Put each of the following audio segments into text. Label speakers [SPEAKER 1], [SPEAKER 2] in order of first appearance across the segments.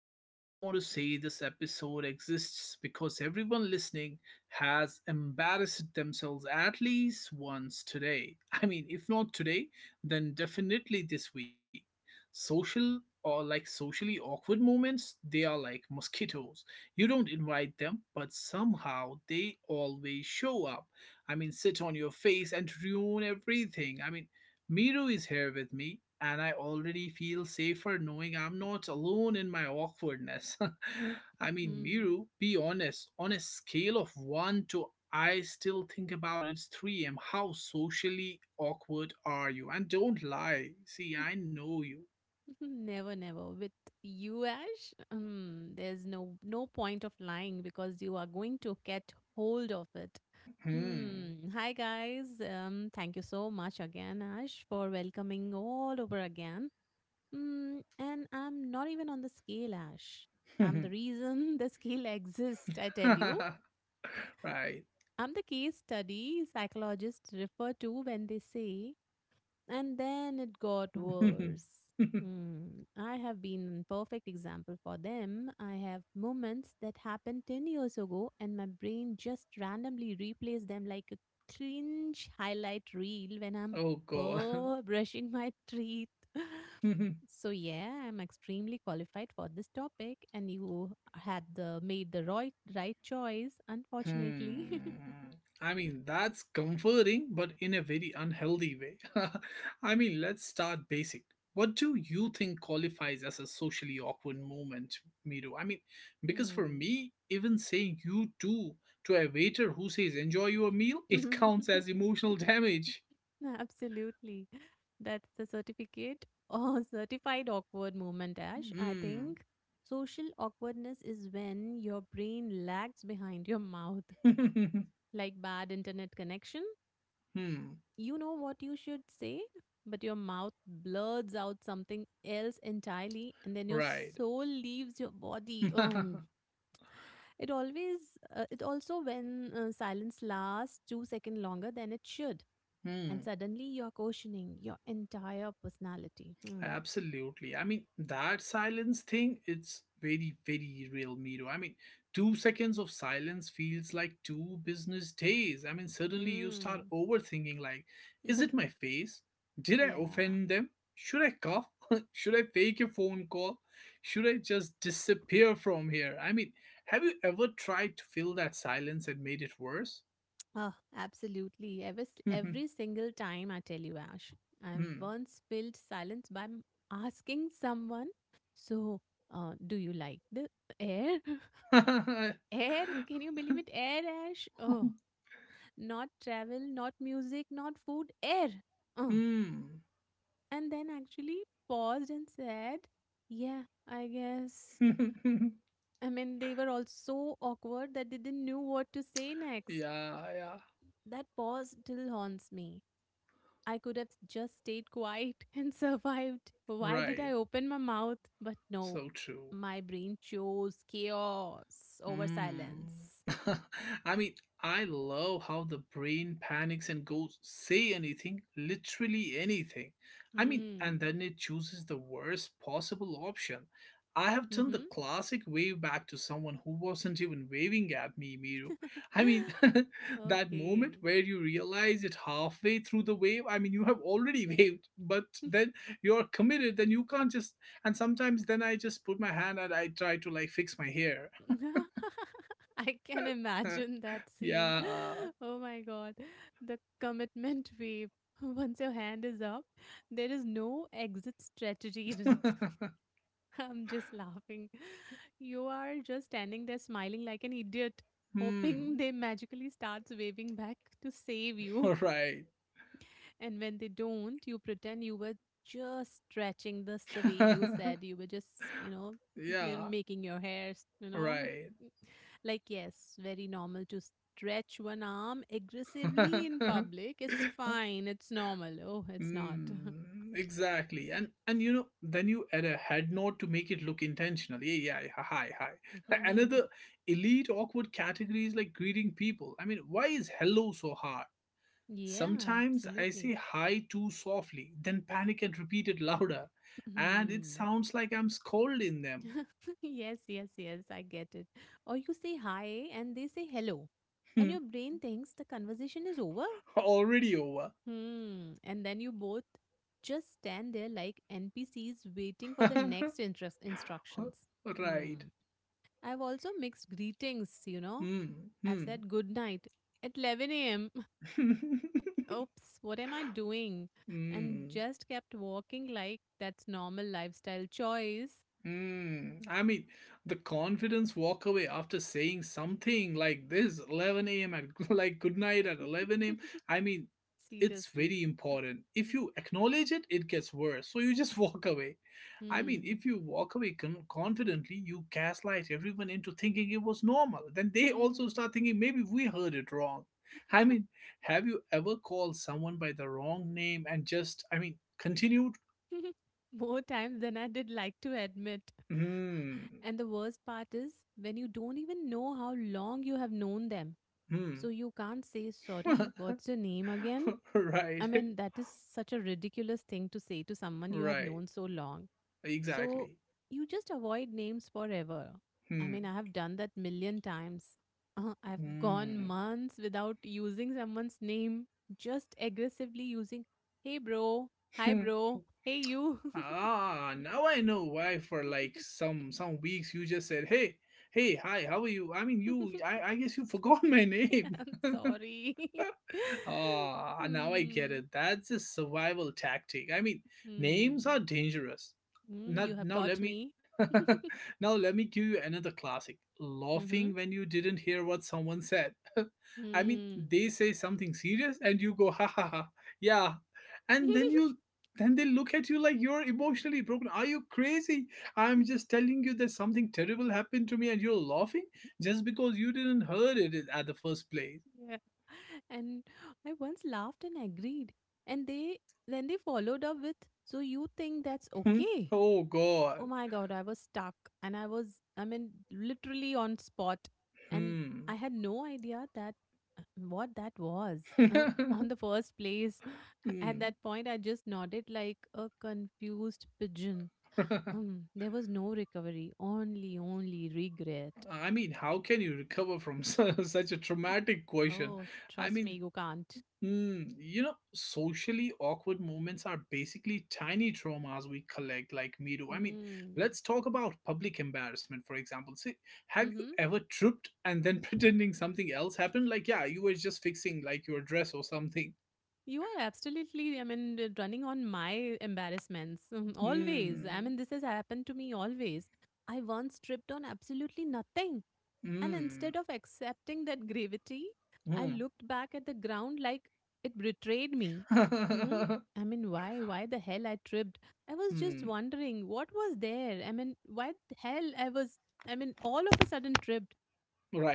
[SPEAKER 1] I just want to say this episode exists because everyone listening has embarrassed themselves at least once today. If not today, then definitely this week. Social or like socially awkward moments, they are like mosquitoes. You don't invite them, but somehow they always show up. Sit on your face and ruin everything. Miru is here with me, and I already feel safer knowing I'm not alone in my awkwardness. I mean,
[SPEAKER 2] Hmm.
[SPEAKER 1] Miru, be honest, on a scale of 1 to I still think about it's 3M, how socially awkward are you? And don't lie. See, I know you.
[SPEAKER 2] Never, never. With you, Ash, there's no point of lying because you are going to get hold of it.
[SPEAKER 1] Hmm.
[SPEAKER 2] Hmm. Hi, guys. Thank you so much again, Ash, for welcoming all over again. Hmm. And I'm not even on the scale, Ash. I'm the reason the scale exists. I tell you,
[SPEAKER 1] Right.
[SPEAKER 2] I'm the case study psychologists refer to when they say and then it got worse. Hmm. I have been a perfect example for them. I have moments that happened 10 years ago, and my brain just randomly replays them like a cringe highlight reel when I'm
[SPEAKER 1] Oh, God.
[SPEAKER 2] brushing my teeth. So yeah, I'm extremely qualified for this topic, and you had the made the right choice. Unfortunately,
[SPEAKER 1] Hmm. That's comforting, but in a very unhealthy way. Let's start basic. What do you think qualifies as a socially awkward moment, Miru? I mean, because for
[SPEAKER 2] hmm.
[SPEAKER 1] me, even saying you too to a waiter who says enjoy your meal, it counts as emotional damage.
[SPEAKER 2] Absolutely. That's the certificate or certified awkward moment, Ash. I
[SPEAKER 1] Hmm.
[SPEAKER 2] think social awkwardness is when your brain lags behind your mouth, like bad internet connection.
[SPEAKER 1] Hmm.
[SPEAKER 2] You know what you should say, but your mouth blurts out something else entirely, and then your
[SPEAKER 1] Right.
[SPEAKER 2] soul leaves your body. Oh, it always, it also when silence lasts 2 seconds longer than it should and
[SPEAKER 1] Hmm.
[SPEAKER 2] suddenly you're questioning your entire personality. Hmm.
[SPEAKER 1] Absolutely. That silence thing, it's very real, Miro. Two seconds of silence feels like two business days. I mean, suddenly you start
[SPEAKER 2] Hmm.
[SPEAKER 1] overthinking like, is it my face? Did I
[SPEAKER 2] yeah.
[SPEAKER 1] offend them? Should I cough? Should I fake a phone call? Should I just disappear from here? Have you ever tried to fill that silence and made it worse?
[SPEAKER 2] Oh, absolutely. Every single time I tell you, Ash, I've
[SPEAKER 1] Hmm.
[SPEAKER 2] once filled silence by asking someone, so do you like the air? air? Can you believe it? Air, Ash? Oh, not travel, not music, not food, air. Uh.
[SPEAKER 1] Hmm.
[SPEAKER 2] And then actually paused and said, yeah, I guess. I mean, they were all so awkward that they didn't know what to say next.
[SPEAKER 1] Yeah, yeah.
[SPEAKER 2] That pause still haunts me. I could have just stayed quiet and survived. Why did
[SPEAKER 1] Right.
[SPEAKER 2] I open my mouth? But no,
[SPEAKER 1] So true.
[SPEAKER 2] my brain chose chaos over
[SPEAKER 1] Mm.
[SPEAKER 2] silence.
[SPEAKER 1] I mean, I love how the brain panics and goes, say anything, literally anything. I mean, and
[SPEAKER 2] Hmm.
[SPEAKER 1] then it chooses the worst possible option. I have done the
[SPEAKER 2] Mm-hmm.
[SPEAKER 1] classic wave back to someone who wasn't even waving at me, Miru. I mean, that moment
[SPEAKER 2] okay.
[SPEAKER 1] where you realize it halfway through the wave, I mean, you have already waved, but then you're committed, then you can't just. And sometimes then I just put my hand and I try to like fix my hair.
[SPEAKER 2] I can imagine that scene.
[SPEAKER 1] Yeah.
[SPEAKER 2] Oh my god, the commitment wave. Once your hand is up, there is no exit strategy. I'm just laughing. You are just standing there smiling like an idiot, hoping
[SPEAKER 1] Hmm.
[SPEAKER 2] they magically starts waving back to save you.
[SPEAKER 1] Right.
[SPEAKER 2] And when they don't, you pretend you were just stretching this the way you said you were just,
[SPEAKER 1] Yeah.
[SPEAKER 2] making your hairs.
[SPEAKER 1] Right.
[SPEAKER 2] Like, yes, very normal to stretch one arm aggressively in public. It's fine. It's normal. Oh, it's not.
[SPEAKER 1] Hmm. Exactly. And you know, then you add a head nod to make it look intentional. Yeah, yeah, yeah, hi, hi. Another elite awkward category is like greeting people. I mean, why is hello so hard?
[SPEAKER 2] yeah,
[SPEAKER 1] Sometimes I
[SPEAKER 2] absolutely.
[SPEAKER 1] say hi too softly, then panic and repeat it louder, and it
[SPEAKER 2] Hmm.
[SPEAKER 1] sounds like I'm scolding them.
[SPEAKER 2] yes, yes, yes. I get it. Or you say hi and they say hello, and your brain thinks the conversation is over.
[SPEAKER 1] Already over.
[SPEAKER 2] Hmm. And then you both just stand there like NPCs waiting for the next interest instructions.
[SPEAKER 1] Right.
[SPEAKER 2] Hmm. I've also mixed greetings.
[SPEAKER 1] Hmm.
[SPEAKER 2] I've
[SPEAKER 1] Hmm.
[SPEAKER 2] said good night at 11 a.m. Oops, what am I doing? And
[SPEAKER 1] Hmm.
[SPEAKER 2] just kept walking like that's normal lifestyle choice.
[SPEAKER 1] Hmm. The confidence walk away after saying something like this, 11 a.m. at like good night at 11 a.m. I mean, it's
[SPEAKER 2] Seriously.
[SPEAKER 1] very important. If you acknowledge it, it gets worse. So you just walk away. I mean,
[SPEAKER 2] Hmm.
[SPEAKER 1] if you walk away confidently, you gaslight everyone into thinking it was normal. Then they also
[SPEAKER 2] Hmm.
[SPEAKER 1] start thinking maybe we heard it wrong. I mean, have you ever called someone by the wrong name and just, continued?
[SPEAKER 2] More times than I did like to admit.
[SPEAKER 1] Hmm.
[SPEAKER 2] And the worst part is when you don't even know how long you have known them.
[SPEAKER 1] Hmm.
[SPEAKER 2] So you can't say, sorry, what's your name again?
[SPEAKER 1] Right.
[SPEAKER 2] I mean, that is such a ridiculous thing to say to someone you have
[SPEAKER 1] Right.
[SPEAKER 2] known so long. So
[SPEAKER 1] Exactly.
[SPEAKER 2] you just avoid names forever. I mean,
[SPEAKER 1] Hmm.
[SPEAKER 2] I have done that million times. I've gone
[SPEAKER 1] Hmm.
[SPEAKER 2] months without using someone's name, just aggressively using, hey, bro, hi,
[SPEAKER 1] Hmm.
[SPEAKER 2] bro, hey, you.
[SPEAKER 1] Ah, now I know why for like some weeks you just said, "Hey, hey, hi, how are you?" I mean, you I guess you forgot my name.
[SPEAKER 2] I'm sorry.
[SPEAKER 1] Ah, now I get
[SPEAKER 2] Hmm.
[SPEAKER 1] it. That's a survival tactic. Names
[SPEAKER 2] Hmm.
[SPEAKER 1] are dangerous.
[SPEAKER 2] Hmm.
[SPEAKER 1] Now,
[SPEAKER 2] You have
[SPEAKER 1] now let
[SPEAKER 2] got
[SPEAKER 1] me
[SPEAKER 2] me.
[SPEAKER 1] now let me give you another classic.
[SPEAKER 2] Mm-hmm.
[SPEAKER 1] Laughing when you didn't hear what someone said. I mean,
[SPEAKER 2] Hmm.
[SPEAKER 1] they say something serious and you go ha ha ha. Yeah. And then they look at you like you're emotionally broken. Are you crazy? I'm just telling you that something terrible happened to me and you're laughing just because you didn't heard it at the first place.
[SPEAKER 2] Yeah. And I once laughed and agreed. And they Then they followed up with, so you think that's okay?
[SPEAKER 1] Oh
[SPEAKER 2] Oh
[SPEAKER 1] god.
[SPEAKER 2] my god, I was stuck, and I was, I mean, literally on spot, and
[SPEAKER 1] Hmm.
[SPEAKER 2] I had no idea that uh, what that was uh, on the first place. at
[SPEAKER 1] Hmm.
[SPEAKER 2] that point I just nodded like a confused pigeon. Hmm, there was no recovery, only regret.
[SPEAKER 1] I mean, how can you recover from such a traumatic question?
[SPEAKER 2] oh,
[SPEAKER 1] I
[SPEAKER 2] trust me,
[SPEAKER 1] mean,
[SPEAKER 2] you can't.
[SPEAKER 1] hmm, you know, socially awkward moments are basically tiny traumas we collect, like me do. I mean,
[SPEAKER 2] Hmm.
[SPEAKER 1] let's talk about public embarrassment, for example. See, have you
[SPEAKER 2] Mm-hmm.
[SPEAKER 1] ever tripped and then pretending something else happened? Like, yeah, you were just fixing like your dress or something.
[SPEAKER 2] You are absolutely, I mean, running on my embarrassments. Always. I
[SPEAKER 1] Hmm.
[SPEAKER 2] mean, this has happened to me always. I once tripped on absolutely nothing. And
[SPEAKER 1] Hmm.
[SPEAKER 2] instead of accepting that gravity, I
[SPEAKER 1] Hmm.
[SPEAKER 2] looked back at the ground like it betrayed me. Hmm. I mean, why? Why the hell I tripped? I was just
[SPEAKER 1] Hmm.
[SPEAKER 2] wondering what was there. I mean, why the hell I was, I mean, all of a sudden tripped.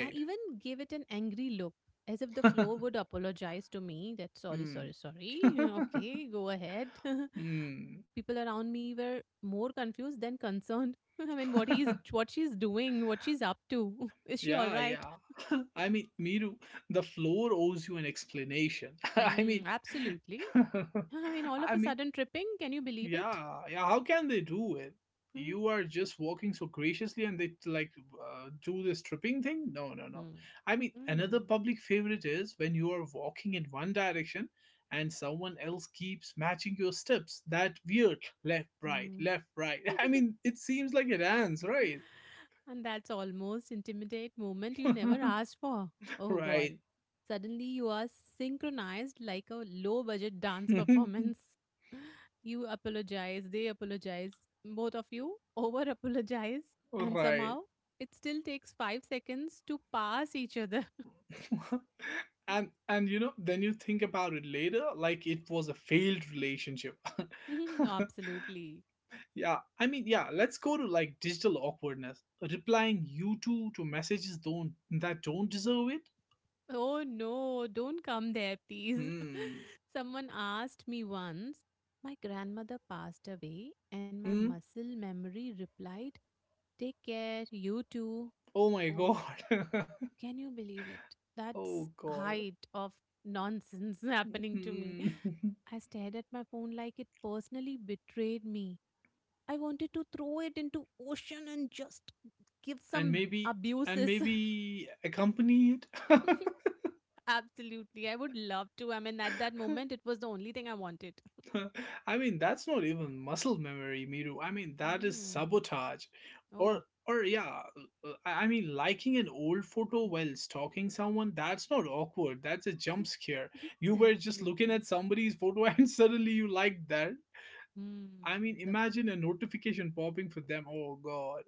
[SPEAKER 2] I even gave it an angry look, as if the floor would apologize to me that sorry, sorry,
[SPEAKER 1] Hmm.
[SPEAKER 2] sorry. Okay, go ahead.
[SPEAKER 1] Hmm.
[SPEAKER 2] People around me were more confused than concerned. I mean, what he's, what she's doing, what she's up to. Is she all
[SPEAKER 1] Yeah,
[SPEAKER 2] right?
[SPEAKER 1] yeah. I mean, Miru, the floor owes you an explanation. I
[SPEAKER 2] Hmm,
[SPEAKER 1] mean,
[SPEAKER 2] absolutely. I mean, all of
[SPEAKER 1] I
[SPEAKER 2] a
[SPEAKER 1] mean,
[SPEAKER 2] sudden tripping. Can you believe it?
[SPEAKER 1] yeah, yeah. How can they do it?
[SPEAKER 2] Hmm.
[SPEAKER 1] You are just walking so graciously, and they like do this tripping thing. No, no, no.
[SPEAKER 2] Hmm.
[SPEAKER 1] I mean,
[SPEAKER 2] Hmm.
[SPEAKER 1] another public favorite is when you are walking in one direction, and someone else keeps matching your steps. That weird left, right,
[SPEAKER 2] Hmm.
[SPEAKER 1] left, right. I mean, it seems like a dance, right?
[SPEAKER 2] And that's almost intimidate moment you never asked for. Oh god.
[SPEAKER 1] Right.
[SPEAKER 2] Suddenly you are synchronized like a low budget dance performance. You apologize, they apologize, both of you over apologize, and
[SPEAKER 1] Right.
[SPEAKER 2] somehow it still takes 5 seconds to pass each other.
[SPEAKER 1] And you know, then you think about it later like it was a failed relationship.
[SPEAKER 2] Absolutely.
[SPEAKER 1] Yeah. I mean, yeah, let's go to like digital awkwardness. Replying you two to messages don't that don't deserve it?
[SPEAKER 2] Oh no, don't come there, please.
[SPEAKER 1] Hmm.
[SPEAKER 2] Someone asked me once, my grandmother passed away, and my
[SPEAKER 1] Mm.
[SPEAKER 2] muscle memory replied, take care, you too.
[SPEAKER 1] Oh my
[SPEAKER 2] Oh,
[SPEAKER 1] god.
[SPEAKER 2] can you believe it? That's
[SPEAKER 1] Oh god.
[SPEAKER 2] height of nonsense happening to me.
[SPEAKER 1] Hmm.
[SPEAKER 2] I stared at my phone like it personally betrayed me. I wanted to throw it into ocean and just give
[SPEAKER 1] and
[SPEAKER 2] some
[SPEAKER 1] maybe and
[SPEAKER 2] abuses.
[SPEAKER 1] maybe accompany it.
[SPEAKER 2] Absolutely. I would love to. I mean, at that moment, it was the only thing I wanted.
[SPEAKER 1] That's not even muscle memory, Miru. That is
[SPEAKER 2] Mm.
[SPEAKER 1] sabotage.
[SPEAKER 2] Oh,
[SPEAKER 1] Or, or yeah, I mean, liking an old photo while stalking someone, that's not awkward. That's a jump scare. You were just looking
[SPEAKER 2] absolutely.
[SPEAKER 1] at somebody's photo and suddenly you liked that.
[SPEAKER 2] Mm.
[SPEAKER 1] I mean,
[SPEAKER 2] The,
[SPEAKER 1] imagine a notification popping for them. Oh, God.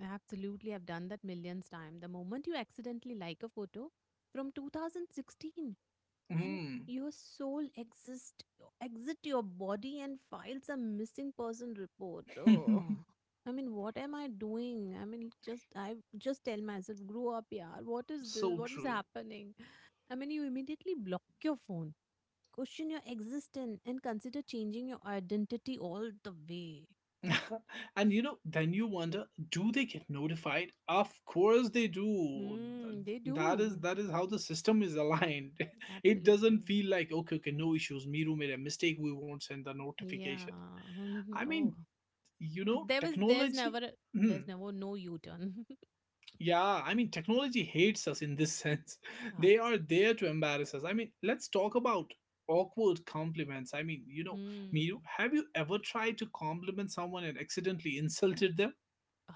[SPEAKER 2] Absolutely. I've done that millions time. The moment you accidentally like a photo from 2016 and
[SPEAKER 1] Mm.
[SPEAKER 2] your soul exist exit your body and files a missing person report. Oh. I mean, what am I doing? I mean, just I just tell myself, grow up, yeah. What is this?
[SPEAKER 1] So
[SPEAKER 2] What is
[SPEAKER 1] true.
[SPEAKER 2] happening? I mean, you immediately block your phone, question your existence, and consider changing your identity all the way.
[SPEAKER 1] And you know, then you wonder, do they get notified? Of course they do.
[SPEAKER 2] Hmm, they do.
[SPEAKER 1] That is how the system is aligned. It doesn't
[SPEAKER 2] Absolutely.
[SPEAKER 1] feel like okay, okay, no issues. Miru made a mistake. We won't send the
[SPEAKER 2] Yeah.
[SPEAKER 1] notification. I
[SPEAKER 2] Oh,
[SPEAKER 1] mean, you know,
[SPEAKER 2] there was, there's never,
[SPEAKER 1] technology.
[SPEAKER 2] a- there's
[SPEAKER 1] Hmm,
[SPEAKER 2] never no U turn.
[SPEAKER 1] yeah, I mean, technology hates us in this sense. They are
[SPEAKER 2] Apps.
[SPEAKER 1] there to embarrass us. Let's talk about awkward compliments. I mean, you know,
[SPEAKER 2] Hmm.
[SPEAKER 1] Miru, have you ever tried to compliment someone and accidentally insulted them?
[SPEAKER 2] Ugh.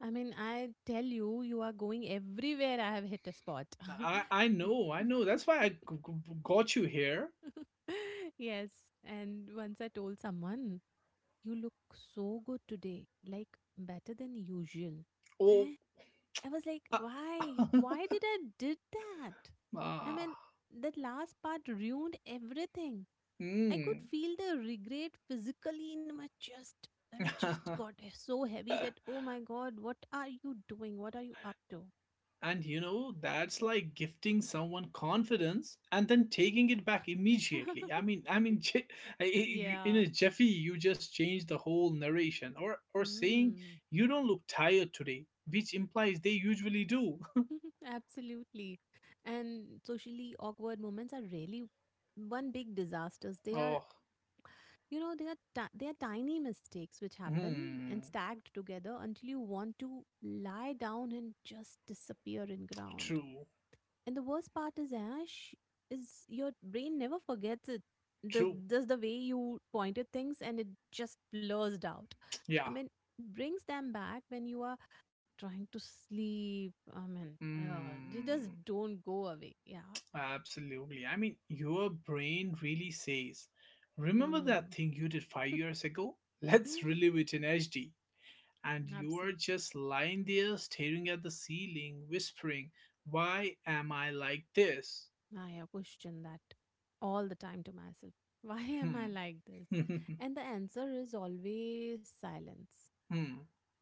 [SPEAKER 2] I mean, I tell you, you are going everywhere. I have hit a spot.
[SPEAKER 1] I know, I know. That's why I got you here.
[SPEAKER 2] yes. And once I told someone, you look so good today, like better than usual.
[SPEAKER 1] Oh,
[SPEAKER 2] Eh? I was like,
[SPEAKER 1] uh,
[SPEAKER 2] why? Why did I did that? I
[SPEAKER 1] ah,
[SPEAKER 2] mean, that last part ruined everything. I could
[SPEAKER 1] mm.
[SPEAKER 2] feel the regret physically in my chest. I mean, chest got so heavy that, oh my god, what are you doing? What are you up to?
[SPEAKER 1] And you know, that's like gifting someone confidence and then taking it back immediately. In
[SPEAKER 2] yeah.
[SPEAKER 1] a jiffy, you just change the whole narration, or saying
[SPEAKER 2] Hmm.
[SPEAKER 1] you don't look tired today, which implies they usually do.
[SPEAKER 2] Absolutely. And socially awkward moments are really one big disasters. They are,
[SPEAKER 1] Oh,
[SPEAKER 2] you know, they are they are tiny mistakes which happen and
[SPEAKER 1] hmm,
[SPEAKER 2] stacked together until you want to lie down and just disappear in ground.
[SPEAKER 1] true,
[SPEAKER 2] And the worst part is, Ash, is your brain never forgets it. The
[SPEAKER 1] true.
[SPEAKER 2] just the way you pointed things and it just blurs out. I
[SPEAKER 1] Yeah.
[SPEAKER 2] mean, brings them back when you are trying to sleep. I mean, they
[SPEAKER 1] Hmm.
[SPEAKER 2] just don't go away. Yeah.
[SPEAKER 1] Absolutely. I mean, your brain really says, remember that
[SPEAKER 2] Hmm.
[SPEAKER 1] thing you did five years ago? Let's relive it in HD. And you are
[SPEAKER 2] Absolutely.
[SPEAKER 1] just lying there staring at the ceiling, whispering, why am I like this?
[SPEAKER 2] I question that all the time to myself. Why am I
[SPEAKER 1] Hmm.
[SPEAKER 2] like this?
[SPEAKER 1] Hmm.
[SPEAKER 2] And the answer is always silence.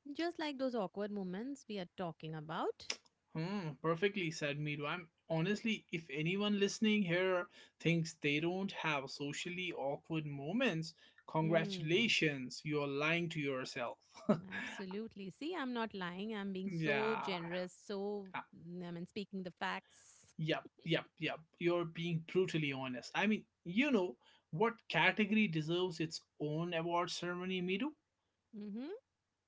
[SPEAKER 2] Just like those awkward moments we are talking about.
[SPEAKER 1] Hmm. Perfectly said Miru. I'm honestly, if anyone listening here thinks they don't have socially awkward moments,
[SPEAKER 2] Hmm.
[SPEAKER 1] congratulations, you're lying to yourself.
[SPEAKER 2] Absolutely. See, I'm not lying. I'm being so
[SPEAKER 1] Yeah.
[SPEAKER 2] generous. So, mm, I mean, speaking the facts.
[SPEAKER 1] Yep, yep, yep. You're being brutally honest. I mean, you know what category deserves its own award ceremony, Midu?
[SPEAKER 2] Mm-hmm.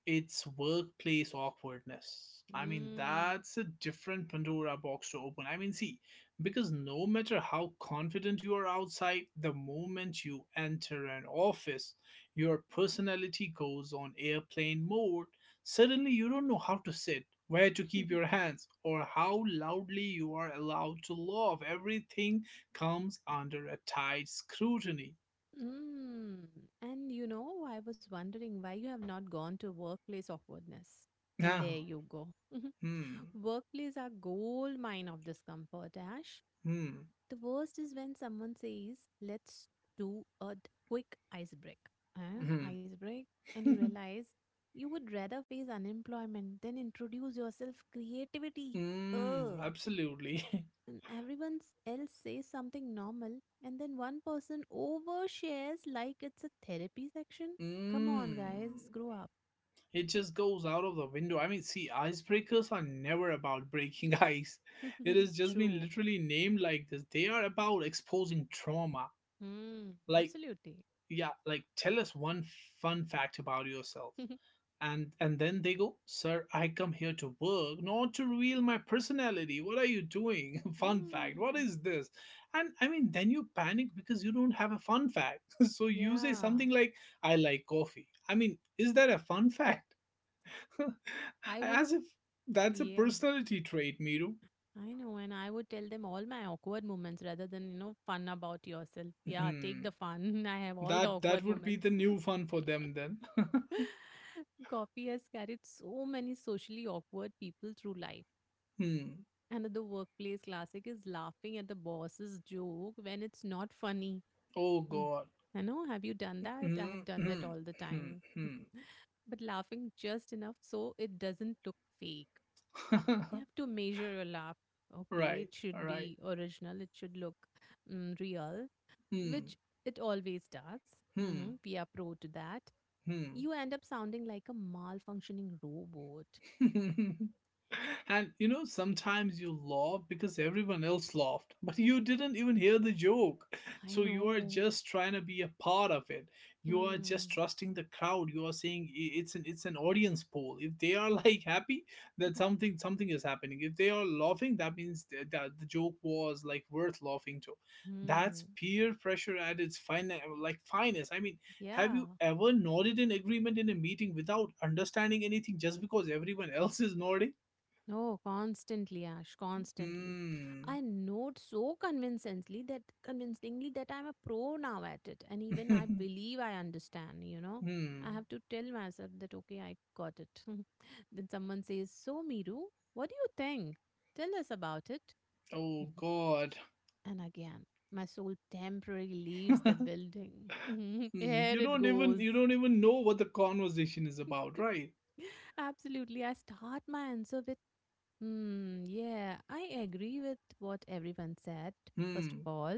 [SPEAKER 1] It's workplace awkwardness. I mean,
[SPEAKER 2] Mm.
[SPEAKER 1] that's a different Pandora box to open. Because no matter how confident you are outside, the moment you enter an office, your personality goes on airplane mode. Suddenly, you don't know how to sit, where to keep your hands, or how loudly you are allowed to laugh. Everything comes under a tight scrutiny.
[SPEAKER 2] Mm. And you know, I was wondering why you have not gone to workplace awkwardness. And there
[SPEAKER 1] Now,
[SPEAKER 2] you go.
[SPEAKER 1] hmm,
[SPEAKER 2] Workplace are gold mine of discomfort, Ash.
[SPEAKER 1] hmm,
[SPEAKER 2] The worst is when someone says, let's do a quick ice break. Eh?
[SPEAKER 1] hmm.
[SPEAKER 2] Ice break. And you realize you would rather face unemployment than introduce yourself creativity.
[SPEAKER 1] Mm,
[SPEAKER 2] Ugh,
[SPEAKER 1] absolutely.
[SPEAKER 2] and else says something normal, and then one person overshares like it's a therapy section. Come on, guys,
[SPEAKER 1] Mm.
[SPEAKER 2] grow up.
[SPEAKER 1] It just goes out of the window. Icebreakers are never about breaking ice. It has just been
[SPEAKER 2] True.
[SPEAKER 1] literally named like this. They are about exposing trauma.
[SPEAKER 2] Hmm.
[SPEAKER 1] Like,
[SPEAKER 2] Absolutely.
[SPEAKER 1] yeah, like tell us one fun fact about yourself. And then they go sir I come here to work not to reveal my personality what are you doing fun fact what
[SPEAKER 2] Hmm.
[SPEAKER 1] is this and I mean then you panic because you don't have a fun fact so you say
[SPEAKER 2] Yeah.
[SPEAKER 1] something like I like coffee I mean is that a fun fact
[SPEAKER 2] I would.
[SPEAKER 1] as if that's a
[SPEAKER 2] Yeah.
[SPEAKER 1] personality trait Miru.
[SPEAKER 2] I know. And I would tell them all my awkward moments rather than, you know, fun about yourself. Yeah. Take
[SPEAKER 1] Hmm,
[SPEAKER 2] the fun. I have all the
[SPEAKER 1] that that
[SPEAKER 2] awkward
[SPEAKER 1] would be
[SPEAKER 2] moments.
[SPEAKER 1] the new fun for them then.
[SPEAKER 2] Coffee has carried so many socially awkward people through life.
[SPEAKER 1] Hmm.
[SPEAKER 2] Another workplace classic is laughing at the boss's joke when it's not funny.
[SPEAKER 1] Oh
[SPEAKER 2] Mm.
[SPEAKER 1] god.
[SPEAKER 2] I know, have you done that? I
[SPEAKER 1] Hmm.
[SPEAKER 2] have done that
[SPEAKER 1] Hmm.
[SPEAKER 2] all the
[SPEAKER 1] Hmm.
[SPEAKER 2] time.
[SPEAKER 1] Hmm.
[SPEAKER 2] but laughing just enough so it doesn't look fake. You have to measure your laugh. Okay,
[SPEAKER 1] Right,
[SPEAKER 2] it should
[SPEAKER 1] right.
[SPEAKER 2] be original, it should look mm, real,
[SPEAKER 1] Hmm.
[SPEAKER 2] which it always does.
[SPEAKER 1] Hmm.
[SPEAKER 2] Hmm, we are pro to that.
[SPEAKER 1] Hmm.
[SPEAKER 2] You end up sounding like a malfunctioning robot.
[SPEAKER 1] And you know, sometimes you laugh because everyone else laughed, but you didn't even hear the joke.
[SPEAKER 2] I
[SPEAKER 1] So you are
[SPEAKER 2] know.
[SPEAKER 1] just trying to be a part of it. You are just
[SPEAKER 2] Hmm.
[SPEAKER 1] trusting the crowd. You are saying it's an audience poll. If they are like happy, then something something is happening. If they are laughing, that means that the joke was like worth laughing to. That's
[SPEAKER 2] hmm.
[SPEAKER 1] peer pressure at its finest. I mean, have
[SPEAKER 2] Yeah.
[SPEAKER 1] you ever nodded in agreement in a meeting without understanding anything just because everyone else is nodding?
[SPEAKER 2] No, constantly, Ash, constantly.
[SPEAKER 1] Hmm.
[SPEAKER 2] I note so convincingly that I'm a pro now at it, and even I believe I understand. You know, I
[SPEAKER 1] Hmm.
[SPEAKER 2] have to tell myself that okay, I got it. then someone says, "So, Miru, what do you think? Tell us about it."
[SPEAKER 1] Oh God.
[SPEAKER 2] and again, my soul temporarily leaves the building.
[SPEAKER 1] Hmm.
[SPEAKER 2] Here
[SPEAKER 1] You
[SPEAKER 2] it
[SPEAKER 1] don't even
[SPEAKER 2] goes.
[SPEAKER 1] you don't even know what the conversation is about, right?
[SPEAKER 2] Absolutely, I start my answer with yeah, I agree with what everyone said. First
[SPEAKER 1] Hmm.
[SPEAKER 2] of all,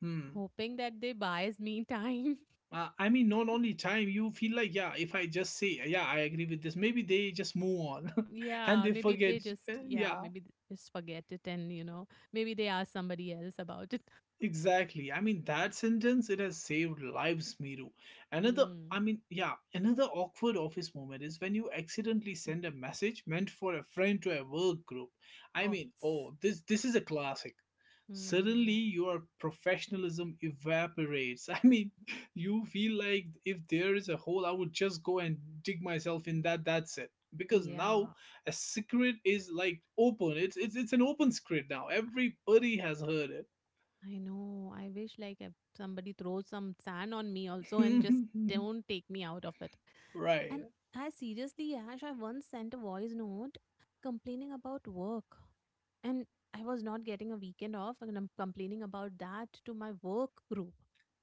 [SPEAKER 1] Hmm.
[SPEAKER 2] hoping that they buys me time.
[SPEAKER 1] I mean, not only time, you feel like, yeah, if I just say, yeah, I agree with this, maybe they just move on and they
[SPEAKER 2] Yeah, maybe
[SPEAKER 1] forget.
[SPEAKER 2] they just,
[SPEAKER 1] Yeah,
[SPEAKER 2] yeah, maybe they just forget it and maybe they ask somebody else about it.
[SPEAKER 1] exactly. I mean, that sentence, it has saved lives, Miru. Another,
[SPEAKER 2] Hmm.
[SPEAKER 1] another awkward office moment is when you accidentally send a message meant for a friend to a work group. I
[SPEAKER 2] Oh,
[SPEAKER 1] mean, oh, this is a classic. Suddenly,
[SPEAKER 2] hmm.
[SPEAKER 1] your professionalism evaporates. I mean, you feel like if there is a hole, I would just go and dig myself
[SPEAKER 2] N-
[SPEAKER 1] in that. That's it. Because now
[SPEAKER 2] Yeah,
[SPEAKER 1] a secret is like open. It's an open secret now. Everybody has heard it
[SPEAKER 2] I know. I wish like if somebody throws some sand on me also and just don't take me out of it. And
[SPEAKER 1] right.
[SPEAKER 2] I seriously, Ash, I once sent a voice note complaining about work. And I was not getting a weekend off, and I'm complaining about that to my work group.